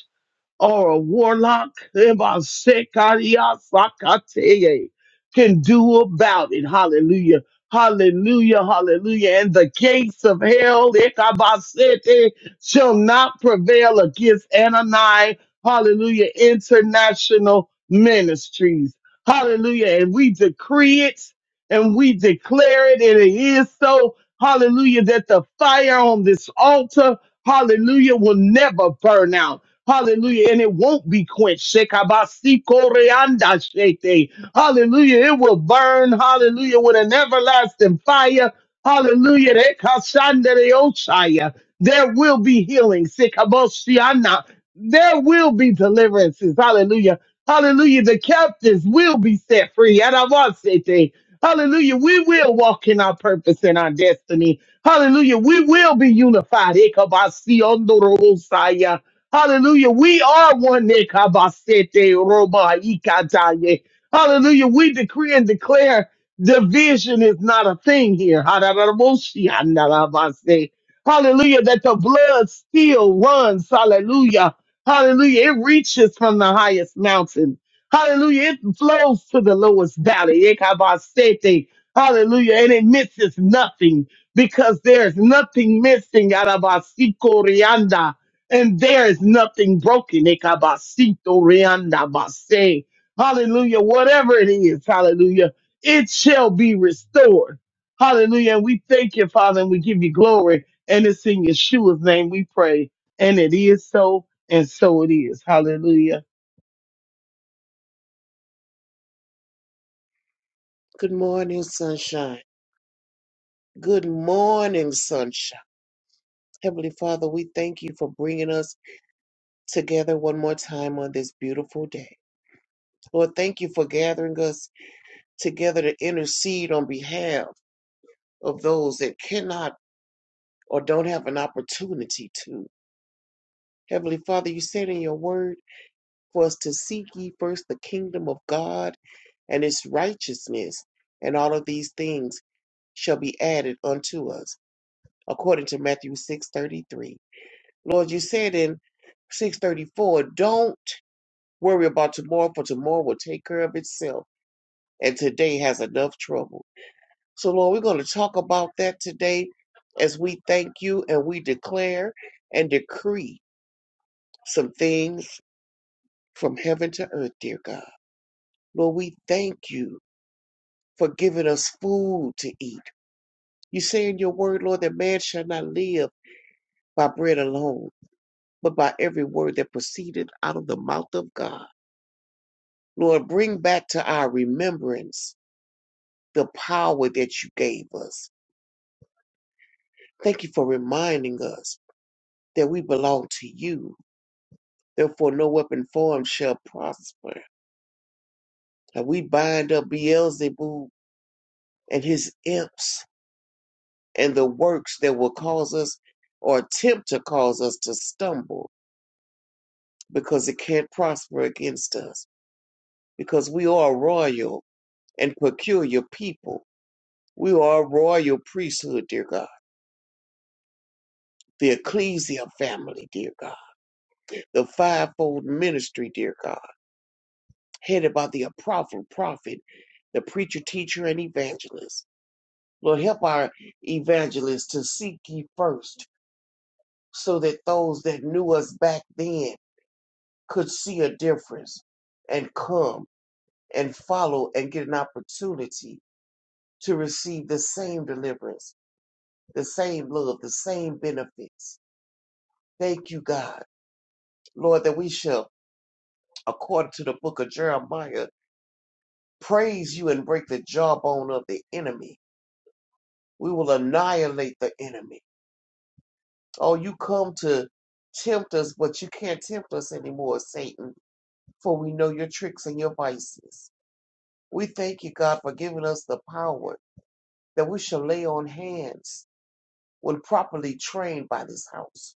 Speaker 3: or a warlock Ebasekariasakateye, can do about it. Hallelujah. Hallelujah. Hallelujah. And the gates of hell Ekabasete, shall not prevail against Anani. Hallelujah. International ministries. Hallelujah. And we decree it and we declare it. And it is so. Hallelujah. That the fire on this altar, hallelujah, will never burn out. Hallelujah. And it won't be quenched. Shekabasikoreandashete. Hallelujah. It will burn. Hallelujah. With an everlasting fire. Hallelujah. Rekashandereosaya. There will be healing. Sikabosiana. There will be deliverances. Hallelujah. Hallelujah. The captives will be set free. Yarabasete. Hallelujah. We will walk in our purpose and our destiny. Hallelujah. We will be unified. Ekabasionderosaya. Hallelujah. We are one. Nekabasete Roma Ikataye. Hallelujah. We decree and declare division is not a thing here. Hararaboshi Andarabase. Hallelujah. That the blood still runs. Hallelujah. Hallelujah. It reaches from the highest mountain. Hallelujah. It flows to the lowest valley. Ekabasete. Hallelujah. And it misses nothing because there's nothing missing. Arabasiko Rianda and there is nothing broken. Ekabasito reandabase. Hallelujah. Whatever it is, hallelujah, it shall be restored. Hallelujah. And we thank you, Father, and we give you glory. And it's in Yeshua's name we pray. And it is so, and so it is. Hallelujah.
Speaker 4: Good morning, sunshine. Good morning, sunshine. Heavenly Father, we thank you for bringing us together one more time on this beautiful day. Lord, thank you for gathering us together to intercede on behalf of those that cannot or don't have an opportunity to. Heavenly Father, you said in your word for us to seek ye first the kingdom of God and its righteousness, and all of these things shall be added unto us, according to Matthew 6:33. Lord, you said in 634, don't worry about tomorrow, for tomorrow will take care of itself. And today has enough trouble. So, Lord, we're going to talk about that today as we thank you and we declare and decree some things from heaven to earth, dear God. Lord, we thank you for giving us food to eat. You say in your word, Lord, that man shall not live by bread alone, but by every word that proceeded out of the mouth of God. Lord, bring back to our remembrance the power that you gave us. Thank you for reminding us that we belong to you. Therefore, no weapon formed shall prosper. And we bind up Beelzebub and his imps and the works that will cause us or attempt to cause us to stumble because it can't prosper against us. Because we are a royal and peculiar people. We are a royal priesthood, dear God the ecclesia family, dear God. the fivefold ministry, dear God, headed by the apostle, prophet, the preacher, teacher, and evangelist. Lord, help our evangelists to seek ye first so that those that knew us back then could see a difference and come and follow and get an opportunity to receive the same deliverance, the same love, the same benefits. Thank you, God. Lord, that we shall, according to the book of Jeremiah, praise you and break the jawbone of the enemy. We will annihilate the enemy. Oh, you come to tempt us, but you can't tempt us anymore, Satan, for we know your tricks and your vices. We thank you, God, for giving us the power that we shall lay on hands when properly trained by this house.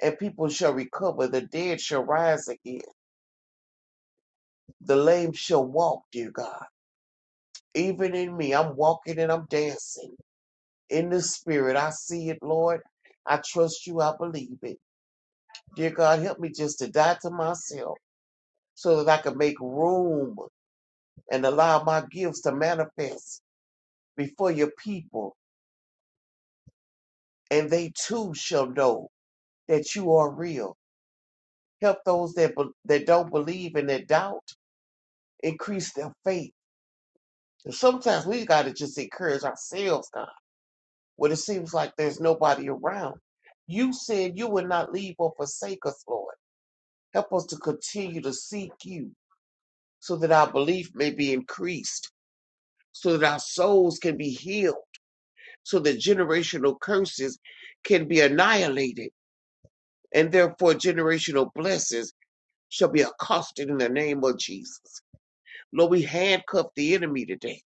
Speaker 4: And people shall recover, the dead shall rise again, the lame shall walk, dear God. Even in me, I'm walking and I'm dancing. in the spirit. I see it, Lord. I trust you. I believe it. Dear God, help me just to die to myself so that I can make room and allow my gifts to manifest before your people, and they too shall know that you are real. Help those that be- that don't believe and that doubt increase their faith. And sometimes we got to just encourage ourselves, God, when it seems like there's nobody around. You said you would not leave or forsake us, Lord. Help us to continue to seek you so that our belief may be increased, so that our souls can be healed, so that generational curses can be annihilated, and therefore generational blessings shall be accosted in the name of Jesus. Lord, we handcuff the enemy today.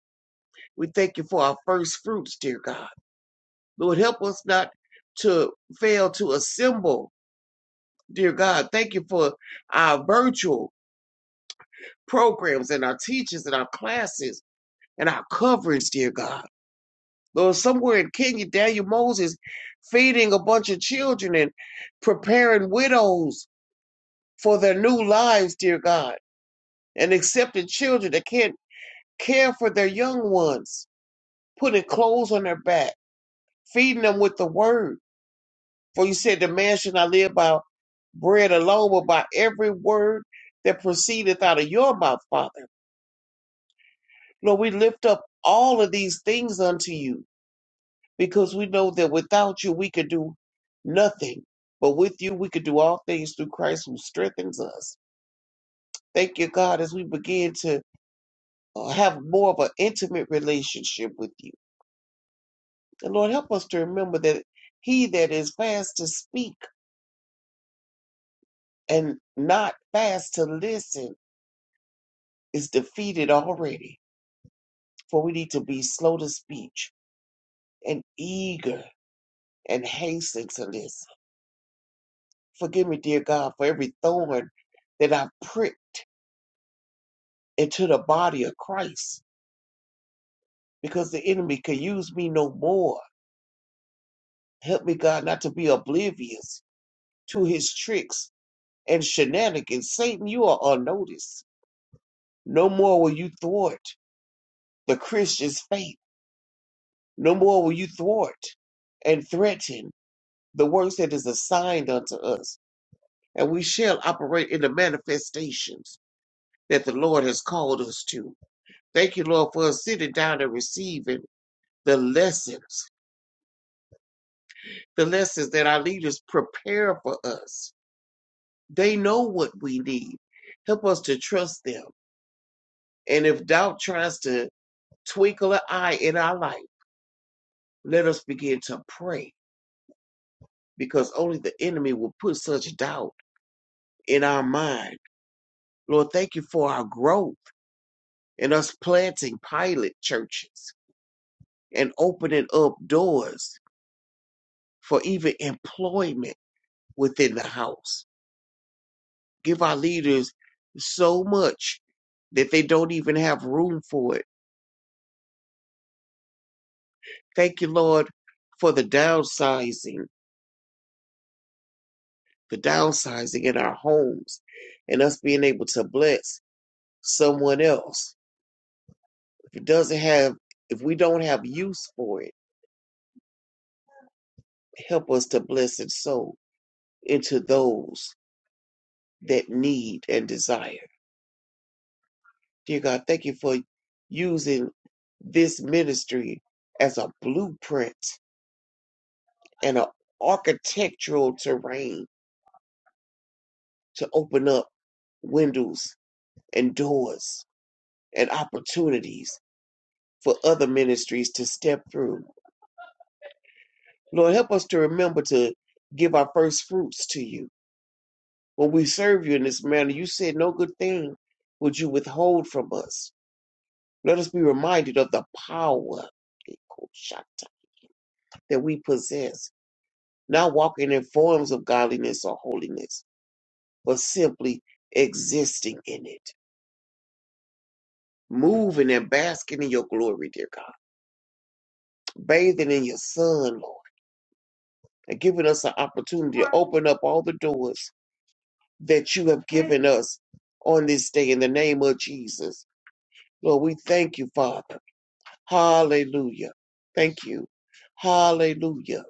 Speaker 4: We thank you for our first fruits, dear God. Lord, help us not to fail to assemble, dear God. Thank you for our virtual programs and our teachers and our classes and our coverage, dear God. Lord, somewhere in Kenya, Daniel Moses feeding a bunch of children and preparing widows for their new lives, dear God, and accepting children that can't care for their young ones, putting clothes on their back, feeding them with the word. For you said the man should not live by bread alone, but by every word that proceedeth out of your mouth, Father. Lord, we lift up all of these things unto you because we know that without you we could do nothing, but with you we could do all things through Christ who strengthens us. Thank you, God, as we begin to uh, have more of an intimate relationship with you. And Lord, help us to remember that he that is fast to speak and not fast to listen is defeated already. For we need to be slow to speech and eager and hasten to listen. Forgive me, dear God, for every thorn that I've pricked into the body of Christ because the enemy can use me no more. Help me, God, not to be oblivious to his tricks and shenanigans. Satan, you are unnoticed. No more will you thwart the Christian's faith. No more will you thwart and threaten the works that is assigned unto us. And we shall operate in the manifestations that the Lord has called us to. Thank you, Lord, for us sitting down and receiving the lessons the lessons that our leaders prepare for us. They know what we need. Help us to trust them. And if doubt tries to twinkle an eye in our life, let us begin to pray because only the enemy will put such doubt in our mind. Lord, thank you for our growth and us planting pilot churches and opening up doors for even employment within the house. give our leaders so much that they don't even have room for it. Thank you, Lord, for the downsizing, the downsizing in our homes and us being able to bless someone else. If it doesn't have, if we don't have use for it, help us to bless and sow into those that need and desire. Dear God, thank you for using this ministry as a blueprint and an architectural terrain to open up windows and doors and opportunities for other ministries to step through. Lord, help us to remember to give our first fruits to you. When we serve you in this manner, you said no good thing would you withhold from us. Let us be reminded of the power that we possess, not walking in forms of godliness or holiness, but simply existing in it. moving and basking in your glory, dear God, bathing in your sun, Lord, and giving us an opportunity to open up all the doors that you have given us on this day in the name of Jesus. Lord, we thank you, Father. Hallelujah. Thank you. Hallelujah.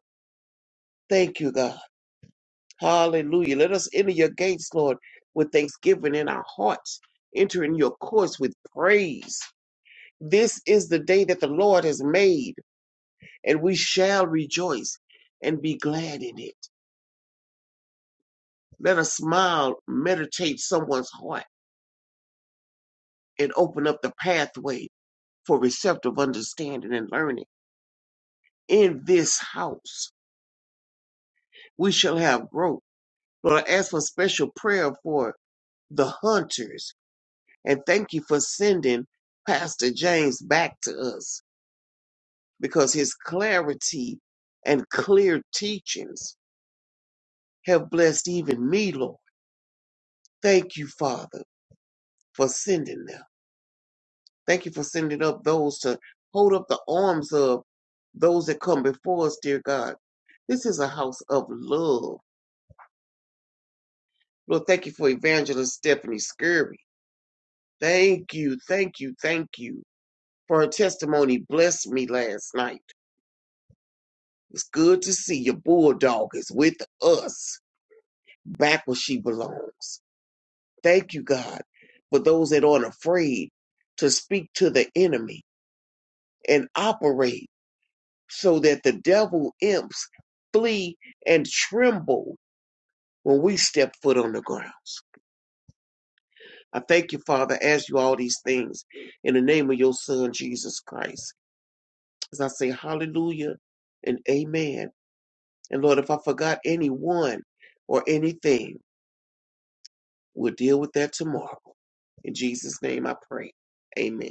Speaker 4: Thank you, God. Hallelujah. Let us enter your gates, Lord, with thanksgiving in our hearts, entering your courts with praise. This is the day that the Lord has made and we shall rejoice and be glad in it. Let a smile meditate someone's heart and open up the pathway for receptive understanding and learning. In this house, we shall have growth. Lord, I ask for special prayer for the hunters and thank you for sending Pastor James back to us because his clarity and clear teachings have blessed even me, Lord. Thank you, Father, for sending them. Thank you for sending up those to hold up the arms of those that come before us, dear God. This is a house of love. Lord, thank you for Evangelist Stephanie Scurry. Thank you, thank you, thank you for her testimony. Blessed me last night. It's good to see your bulldog is with us, back where she belongs. Thank you, God, for those that aren't afraid to speak to the enemy and operate. so that the devil imps flee and tremble when we step foot on the grounds. I thank you, Father, as you all these things in the name of your Son, Jesus Christ. As I say hallelujah and amen. And Lord, if I forgot anyone or anything, we'll deal with that tomorrow. In Jesus' name I pray. Amen.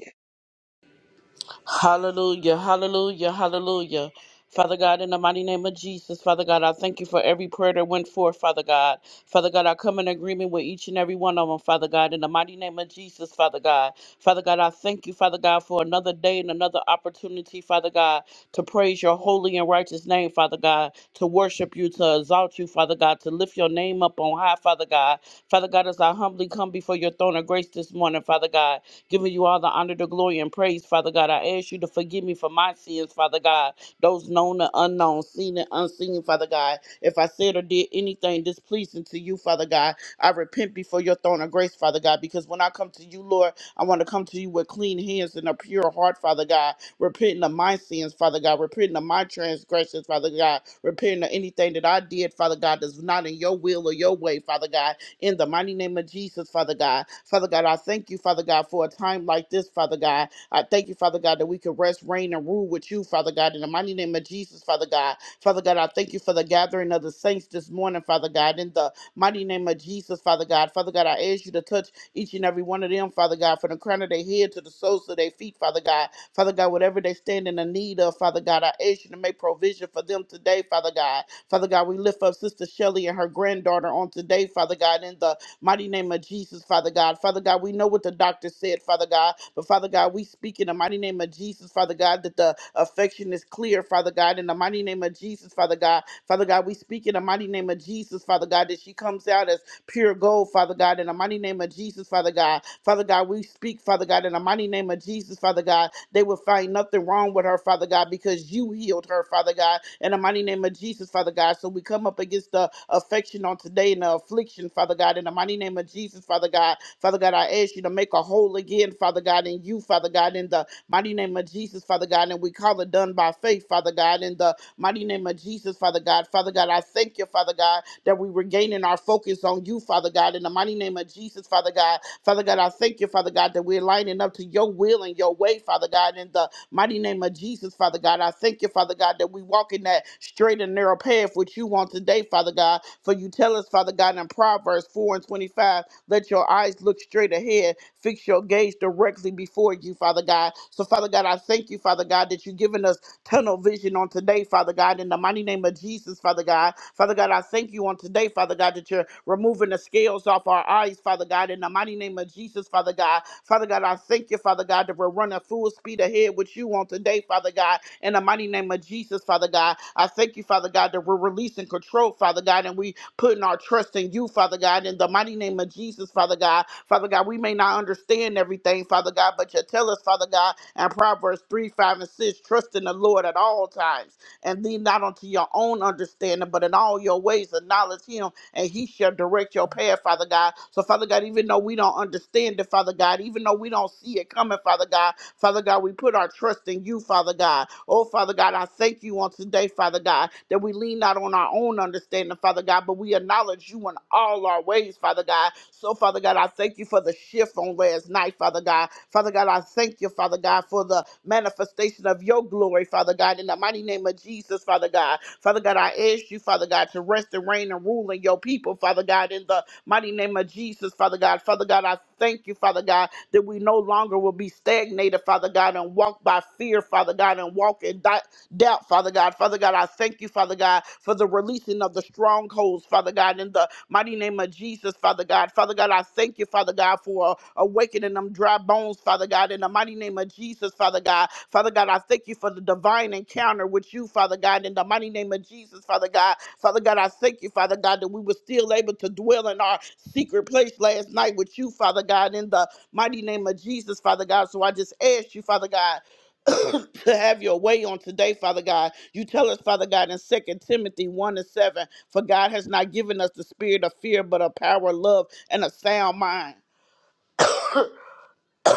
Speaker 1: Hallelujah, hallelujah, hallelujah. Father God, in the mighty name of Jesus, Father God, I thank you for every prayer that went forth, Father God. Father God, I come in agreement with each and every one of them, Father God, in the mighty name of Jesus, Father God. Father God, I thank you, Father God, for another day and another opportunity, Father God, to praise your holy and righteous name, Father God, to worship you, to exalt you, Father God, to lift your name up on high, Father God. Father God, as I humbly come before your throne of grace this morning, Father God, giving you all the honor, the glory, and praise, Father God. I ask you to forgive me for my sins, Father God, those known and unknown, seen and unseen, Father God. If I said or did anything displeasing to you, Father God, I repent before your throne of grace, Father God, because when I come to you, Lord, I want to come to you with clean hands and a pure heart, Father God, repenting of my sins, Father God, repenting of my transgressions, Father God, repenting of anything that I did, Father God, that's not in your will or your way, Father God, in the mighty name of Jesus, Father God. Father God, I thank you, Father God, for a time like this, Father God. I thank you, Father God, that we can rest, reign, and rule with you, Father God, in the mighty name of Jesus, Father God. Father God, I thank you for the gathering of the saints this morning, Father God, in the mighty name of Jesus, Father God. Father God, I ask you to touch each and every one of them, Father God, from the crown of their head to the soles of their feet, Father God. Father God, whatever they stand in the need of, Father God, I ask you to make provision for them today, Father God. Father God, we lift up Sister Shelley and her granddaughter on today, Father God, in the mighty name of Jesus, Father God. Father God, we know what the doctor said, Father God, but Father God, we speak in the mighty name of Jesus, Father God, that the affection is clear, Father God, in the mighty name of Jesus, Father God. Father God, we speak in the mighty name of Jesus, Father God, that she comes out as pure gold, Father God, in the mighty name of Jesus, Father God. Father God, we speak, Father God, in the mighty name of Jesus, Father God. They will find nothing wrong with her, Father God, because you healed her, Father God, in the mighty name of Jesus, Father God. So we come up against the affection on today and the affliction, Father God, in the mighty name of Jesus, Father God. Father God, I ask you to make a whole again, Father God, in you, Father God, in the mighty name of Jesus, Father God. And we call it done by faith, Father God, in the mighty name of Jesus, Father God. Father God. I thank you, Father God, that we were gaining our focus on you, Father God, in the mighty name of Jesus, Father God. Father God, I thank you, Father God, that we're lining up to your will and your way, Father God, in the mighty name of Jesus, Father God. I thank you, Father God, that we walk in that straight and narrow path which you want today, Father God. For you tell us, Father God, in Proverbs 4 and 25, let your eyes look straight ahead, fix your gaze directly before you, Father God. So, Father God, I thank you, Father God, that you've given us tunnel vision on today, Father God, in the mighty name of Jesus, Father God. Father God, I thank you on today, Father God, that you're removing the scales off our eyes, Father God, in the mighty name of Jesus, Father God. Father God, I thank you, Father God, that we're running full speed ahead with you on today, Father God, in the mighty name of name of Jesus, Father God. I thank you, Father God, that we're releasing control, Father God, and we putting our trust in you, Father God, in the mighty name of Jesus, Father God. Father God, we may not understand everything, Father God, but you tell us, Father God, in Proverbs 3, 5, and 6, trust in the Lord at all times and lean not unto your own understanding, but in all your ways acknowledge him, and he shall direct your path, Father God. So, Father God, even though we don't understand it, Father God, even though we don't see it coming, Father God, Father God, we put our trust in you, Father God. Oh, Father God, I thank you on today, Father God, that we lean not on our own understanding, Father God, but we acknowledge you in all our ways, Father God. So, Father God, I thank you for the shift on last night, Father God. Father God, I thank you, Father God, for the manifestation of your glory, Father God, in the mighty name of Jesus, Father God. Father God, I ask you, Father God, to rest and reign and rule in your people, Father God, in the mighty name of Jesus, Father God. Father God, I thank you, Father God, that we no longer will be stagnated, Father God, and walk by fear, Father God, and walk in doubt doubt, Father God. Father God, I thank you, Father God, for the releasing of the strongholds, Father God, in the mighty name of Jesus, Father God. Father God, I thank you, Father God, for awakening them dry bones, Father God, in the mighty name of Jesus, Father God. Father God, I thank you for the divine encounter with you, Father God, in the mighty name of Jesus, Father God. Father God, I thank you, Father God, that we were still able to dwell in our secret place last night with you, Father God, in the mighty name of Jesus, Father God. So I just ask you, Father God, to have your way on today, Father God. You tell us, Father God, in Second Timothy 1 and 7, for God has not given us the spirit of fear, but of power, love, and a sound mind.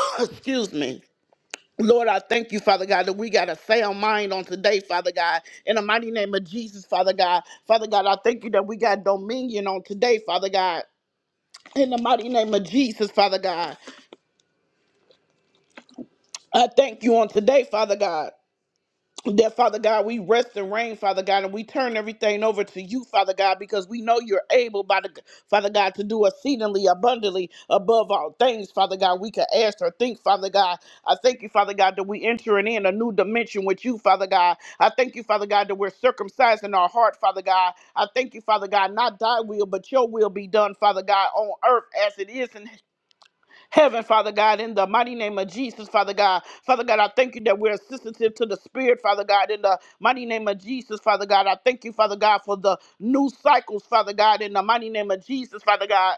Speaker 1: Excuse me. Lord, I thank you, Father God, that we got a sound mind on today, Father God. In the mighty name of Jesus, Father God. Father God, I thank you that we got dominion on today, Father God. In the mighty name of Jesus, Father God. I thank you on today, Father God. that Father God, we rest and reign, Father God, and we turn everything over to you, Father God, because we know you're able, by the Father God, to do exceedingly abundantly above all things, Father God. We can ask or think, Father God. I thank you, Father God, that we entering in a new dimension with you, Father God. I thank you, Father God, that we're circumcising our heart, Father God. I thank you, Father God, not thy will, but your will be done, Father God, on earth as it is in heaven heaven, Father God, in the mighty name of Jesus, Father God. Father God, I thank you that we're sensitive to the Spirit, Father God, in the mighty name of Jesus, Father God. I thank you, Father God, for the new cycles, Father God, in the mighty name of Jesus, Father God.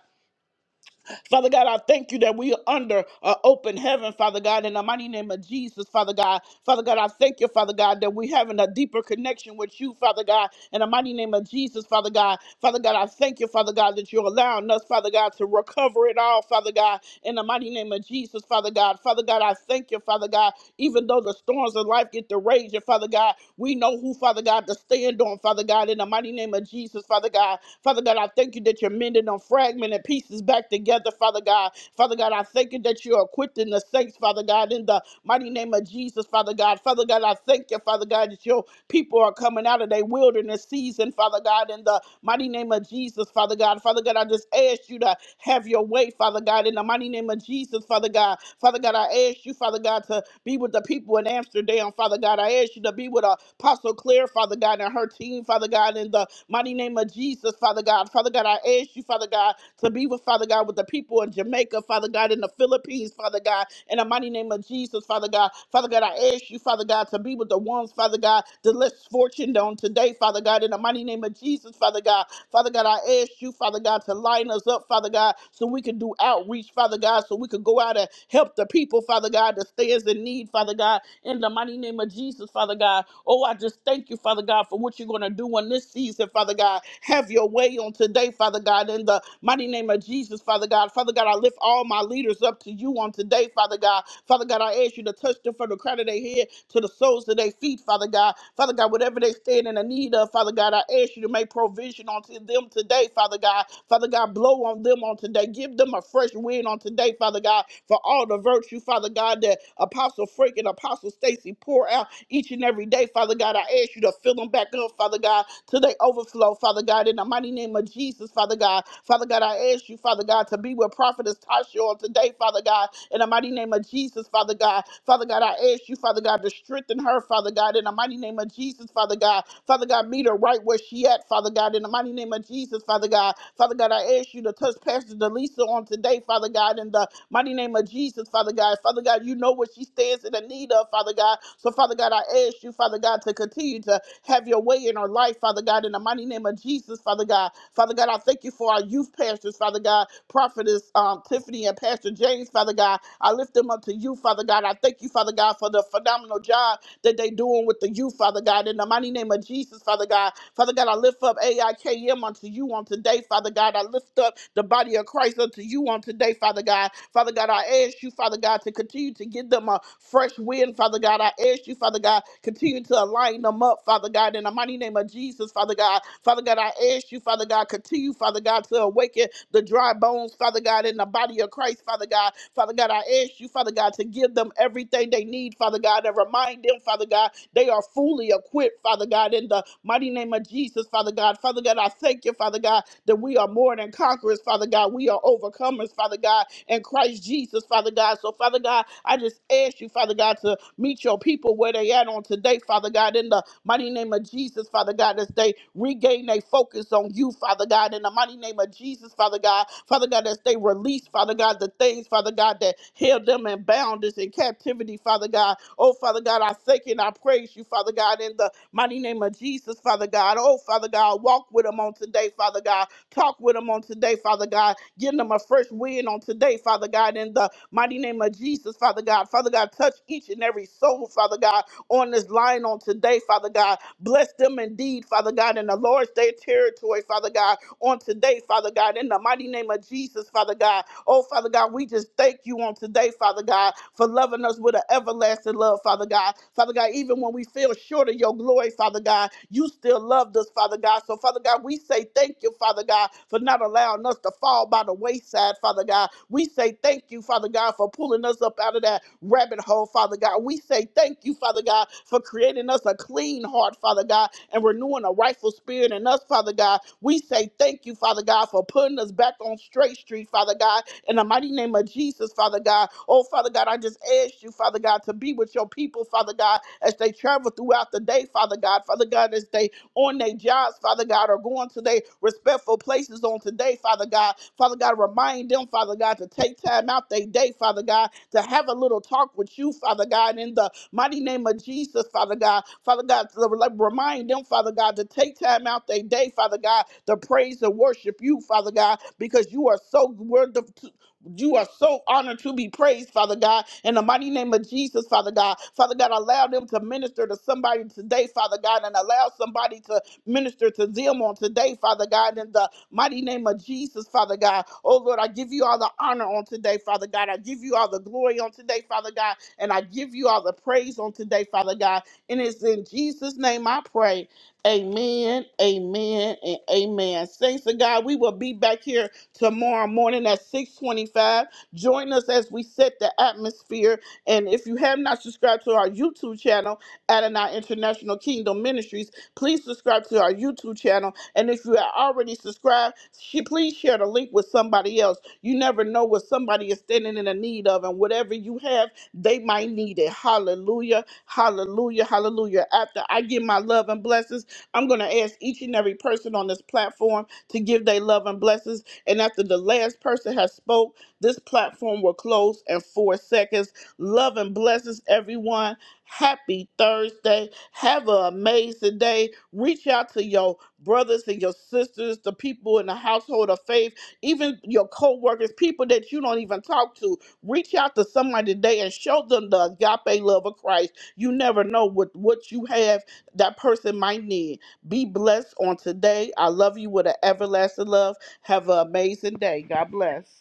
Speaker 1: Father God, I thank you that we are under uh, open heaven, Father God, in the mighty name of Jesus, Father God. Father God, I thank you, Father God, that we're having a deeper connection with you, Father God, in the mighty name of Jesus, Father God. Father God, I thank you, Father God, that you're allowing us, Father God, to recover it all, Father God, in the mighty name of Jesus, Father God. Father God, I thank you, Father God, even though the storms of life get to raging, Father God, we know who, Father God, to stand on, Father God, in the mighty name of Jesus, Father God. Father God, I thank you that you're mending them fragmented pieces back together, Father God. Father God, I thank you that you're equipping the saints, Father God, in the mighty name of Jesus, Father God. Father God, I thank you, Father God, that your people are coming out of their wilderness season, Father God, in the mighty name of Jesus, Father God. Father God, I just ask you to have your way, Father God, in the mighty name of Jesus, Father God. Father God, I ask you, Father God, to be with the people in Amsterdam, Father God. I ask you to be with Apostle Claire, Father God, and her team, Father God, in the mighty name of Jesus, Father God. Father God, I ask you, Father God, to be with Father God, with the people in Jamaica, Father God, in the Philippines, Father God, in the mighty name of Jesus, Father God. Father God, I ask you, Father God, to be with the ones, Father God, that less fortunate on today, Father God, in the mighty name of Jesus, Father God. Father God, I ask you, Father God, to line us up, Father God, so we can do outreach, Father God, so we could go out and help the people, Father God, that stands in need, Father God, in the mighty name of Jesus, Father God. Oh, I just thank you, Father God, for what you're going to do in this season, Father God. Have your way on today, Father God, in the mighty name of Jesus, Father God. Father God, I lift all my leaders up to you on today, Father God. Father God, I ask you to touch them from the crown of their head to the soles of their feet, Father God. Father God, whatever they stand in the need of, Father God, I ask you to make provision onto them today, Father God. Father Father God. Blow on them on today. Give them a fresh wind on today, Father God, for all the virtue, Father God, that Apostle Frank and Apostle Stacy pour out each and every day, Father God. I ask you to fill them back up, Father God, till they overflow, Father God, in the mighty name of Jesus, Father God. Father God, I ask you, Father God, to be with Prophetess Tasha on today, Father God, in the mighty name of Jesus, Father God. Father God, I ask you, Father God, to strengthen her, Father God, in the mighty name of Jesus, Father God. Father God, meet her right where she at, Father God, in the God, in the mighty name of Jesus, Father God. Father God, I ask you to touch Pastor Delisa on today, Father God, in the mighty name of Jesus, Father God. Father God, you know what she stands in the need of, Father God. So, Father God, I ask you, Father God, to continue to have your way in her life, Father God, in the mighty name of Jesus, Father God. Father God, I thank you for our youth pastors, Father God, prophetess um, Tiffany and Pastor James, Father God. I lift them up to you, Father God. I thank you, Father God, for the phenomenal job that they doing with the youth, Father God, in the mighty name of Jesus. Jesus, Father God. Father God, I lift up AIKM unto you on today, Father God. I lift up the body of Christ unto you on today, Father God. Father God, I ask you, Father God, to continue to give them a fresh wind, Father God. I ask you, Father God, continue to align them up, Father God, in the mighty name of Jesus, Father God. Father God, I ask you, Father God, continue, Father God, to awaken the dry bones, Father God, in the body of Christ, Father God. Father God, I ask you, Father God, to give them everything they need, Father God, and remind them, Father God, they are fully equipped, Father God, in the mighty name of Jesus, Father God. Father God, I thank you, Father God, that we are more than conquerors, Father God. We are overcomers, Father God, in Christ Jesus, Father God. So, Father God, I just ask you, Father God, to meet your people where they at on today, Father God, in the mighty name of Jesus, Father God, as they regain their focus on you, Father God, in the mighty name of Jesus, Father God, Father God, as they release, Father God, the things, Father God, that held them in boundness and captivity, Father God, Oh, Father God, I thank you and I praise you, Father God, in the mighty name of Jesus, Father God. Oh, Father God, walk with them on today, Father God. Talk with them on today, Father God. Give them a fresh win on today, Father God, in the mighty name of Jesus, Father God. Father God, touch each and every soul, Father God, on this line on today, Father God. Bless them indeed, Father God, in the Lord's day territory, Father God, on today, Father God, in the mighty name of Jesus, Father God. Oh, Father God, we just thank you on today, Father God, for loving us with an everlasting love, Father God. Father God, even when we feel short of your glory, Father God, you still loved us, Father God. So, Father God, we say thank you, Father God, for not allowing us to fall by the wayside, Father God. We say thank you, Father God, for pulling us up out of that rabbit hole, Father God. God. We say thank you, Father God, for creating us a clean heart, Father God, and renewing a rightful spirit in us, Father God. We say thank you, Father God, for putting us back on straight street, Father God, in the mighty name of Jesus, Father God. Oh, Father God, I just ask you, Father God, to be with your people, Father God, as they travel throughout the day, Father God. Father God, as they on their jobs, Father God, or going to their respectful places on today, Father God. Father God, remind them, Father God, to take time out their day, Father God, to have a little talk with you, Father God, in the mighty name of Jesus, Father God. Father God, to re- remind them, Father God, to take time out their day, Father God, to praise and worship you, Father God, because you are so wonderful, you are so honored to be praised, Father God, in the mighty name of Jesus, Father God. Father God, allow them to minister to somebody today, Father God, and allow somebody to minister to them on today, Father God, in the mighty name of Jesus, Father God. Oh Lord, I give you all the honor on today, Father God. I give you all the glory on today, Father God, and I give you all the praise on today, Father God. And it's in Jesus' name I pray. Amen, amen, and amen. Saints of God, we will be back here tomorrow morning at 625. Join us as we set the atmosphere. And if you have not subscribed to our YouTube channel, Adonai International Kingdom Ministries, please subscribe to our YouTube channel. And if you are already subscribed, sh- please share the link with somebody else. You never know what somebody is standing in the need of, and whatever you have, they might need it. Hallelujah, hallelujah, hallelujah. After I give my love and blessings, I'm going to ask each and every person on this platform to give their love and blessings. And after the last person has spoke, this platform will close in four seconds. Love and blessings, everyone. Happy Thursday. Have an amazing day. Reach out to your brothers and your sisters, the people in the household of faith, even your co-workers, people that you don't even talk to. Reach out to somebody today and show them the agape love of Christ. You never know what, what you have that person might need. Be blessed on today. I love you with an everlasting love. Have an amazing day. God bless.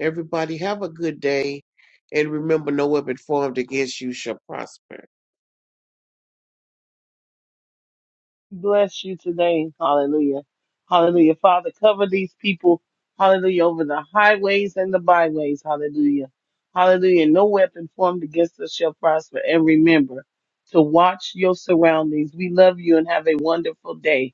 Speaker 4: Everybody, have a good day. And remember, no weapon formed against you shall prosper.
Speaker 3: bless you today. Hallelujah. Hallelujah. Father, cover these people. Hallelujah. Over the highways and the byways. Hallelujah. Hallelujah. No weapon formed against us shall prosper. And remember to watch your surroundings. We love you and have a wonderful day.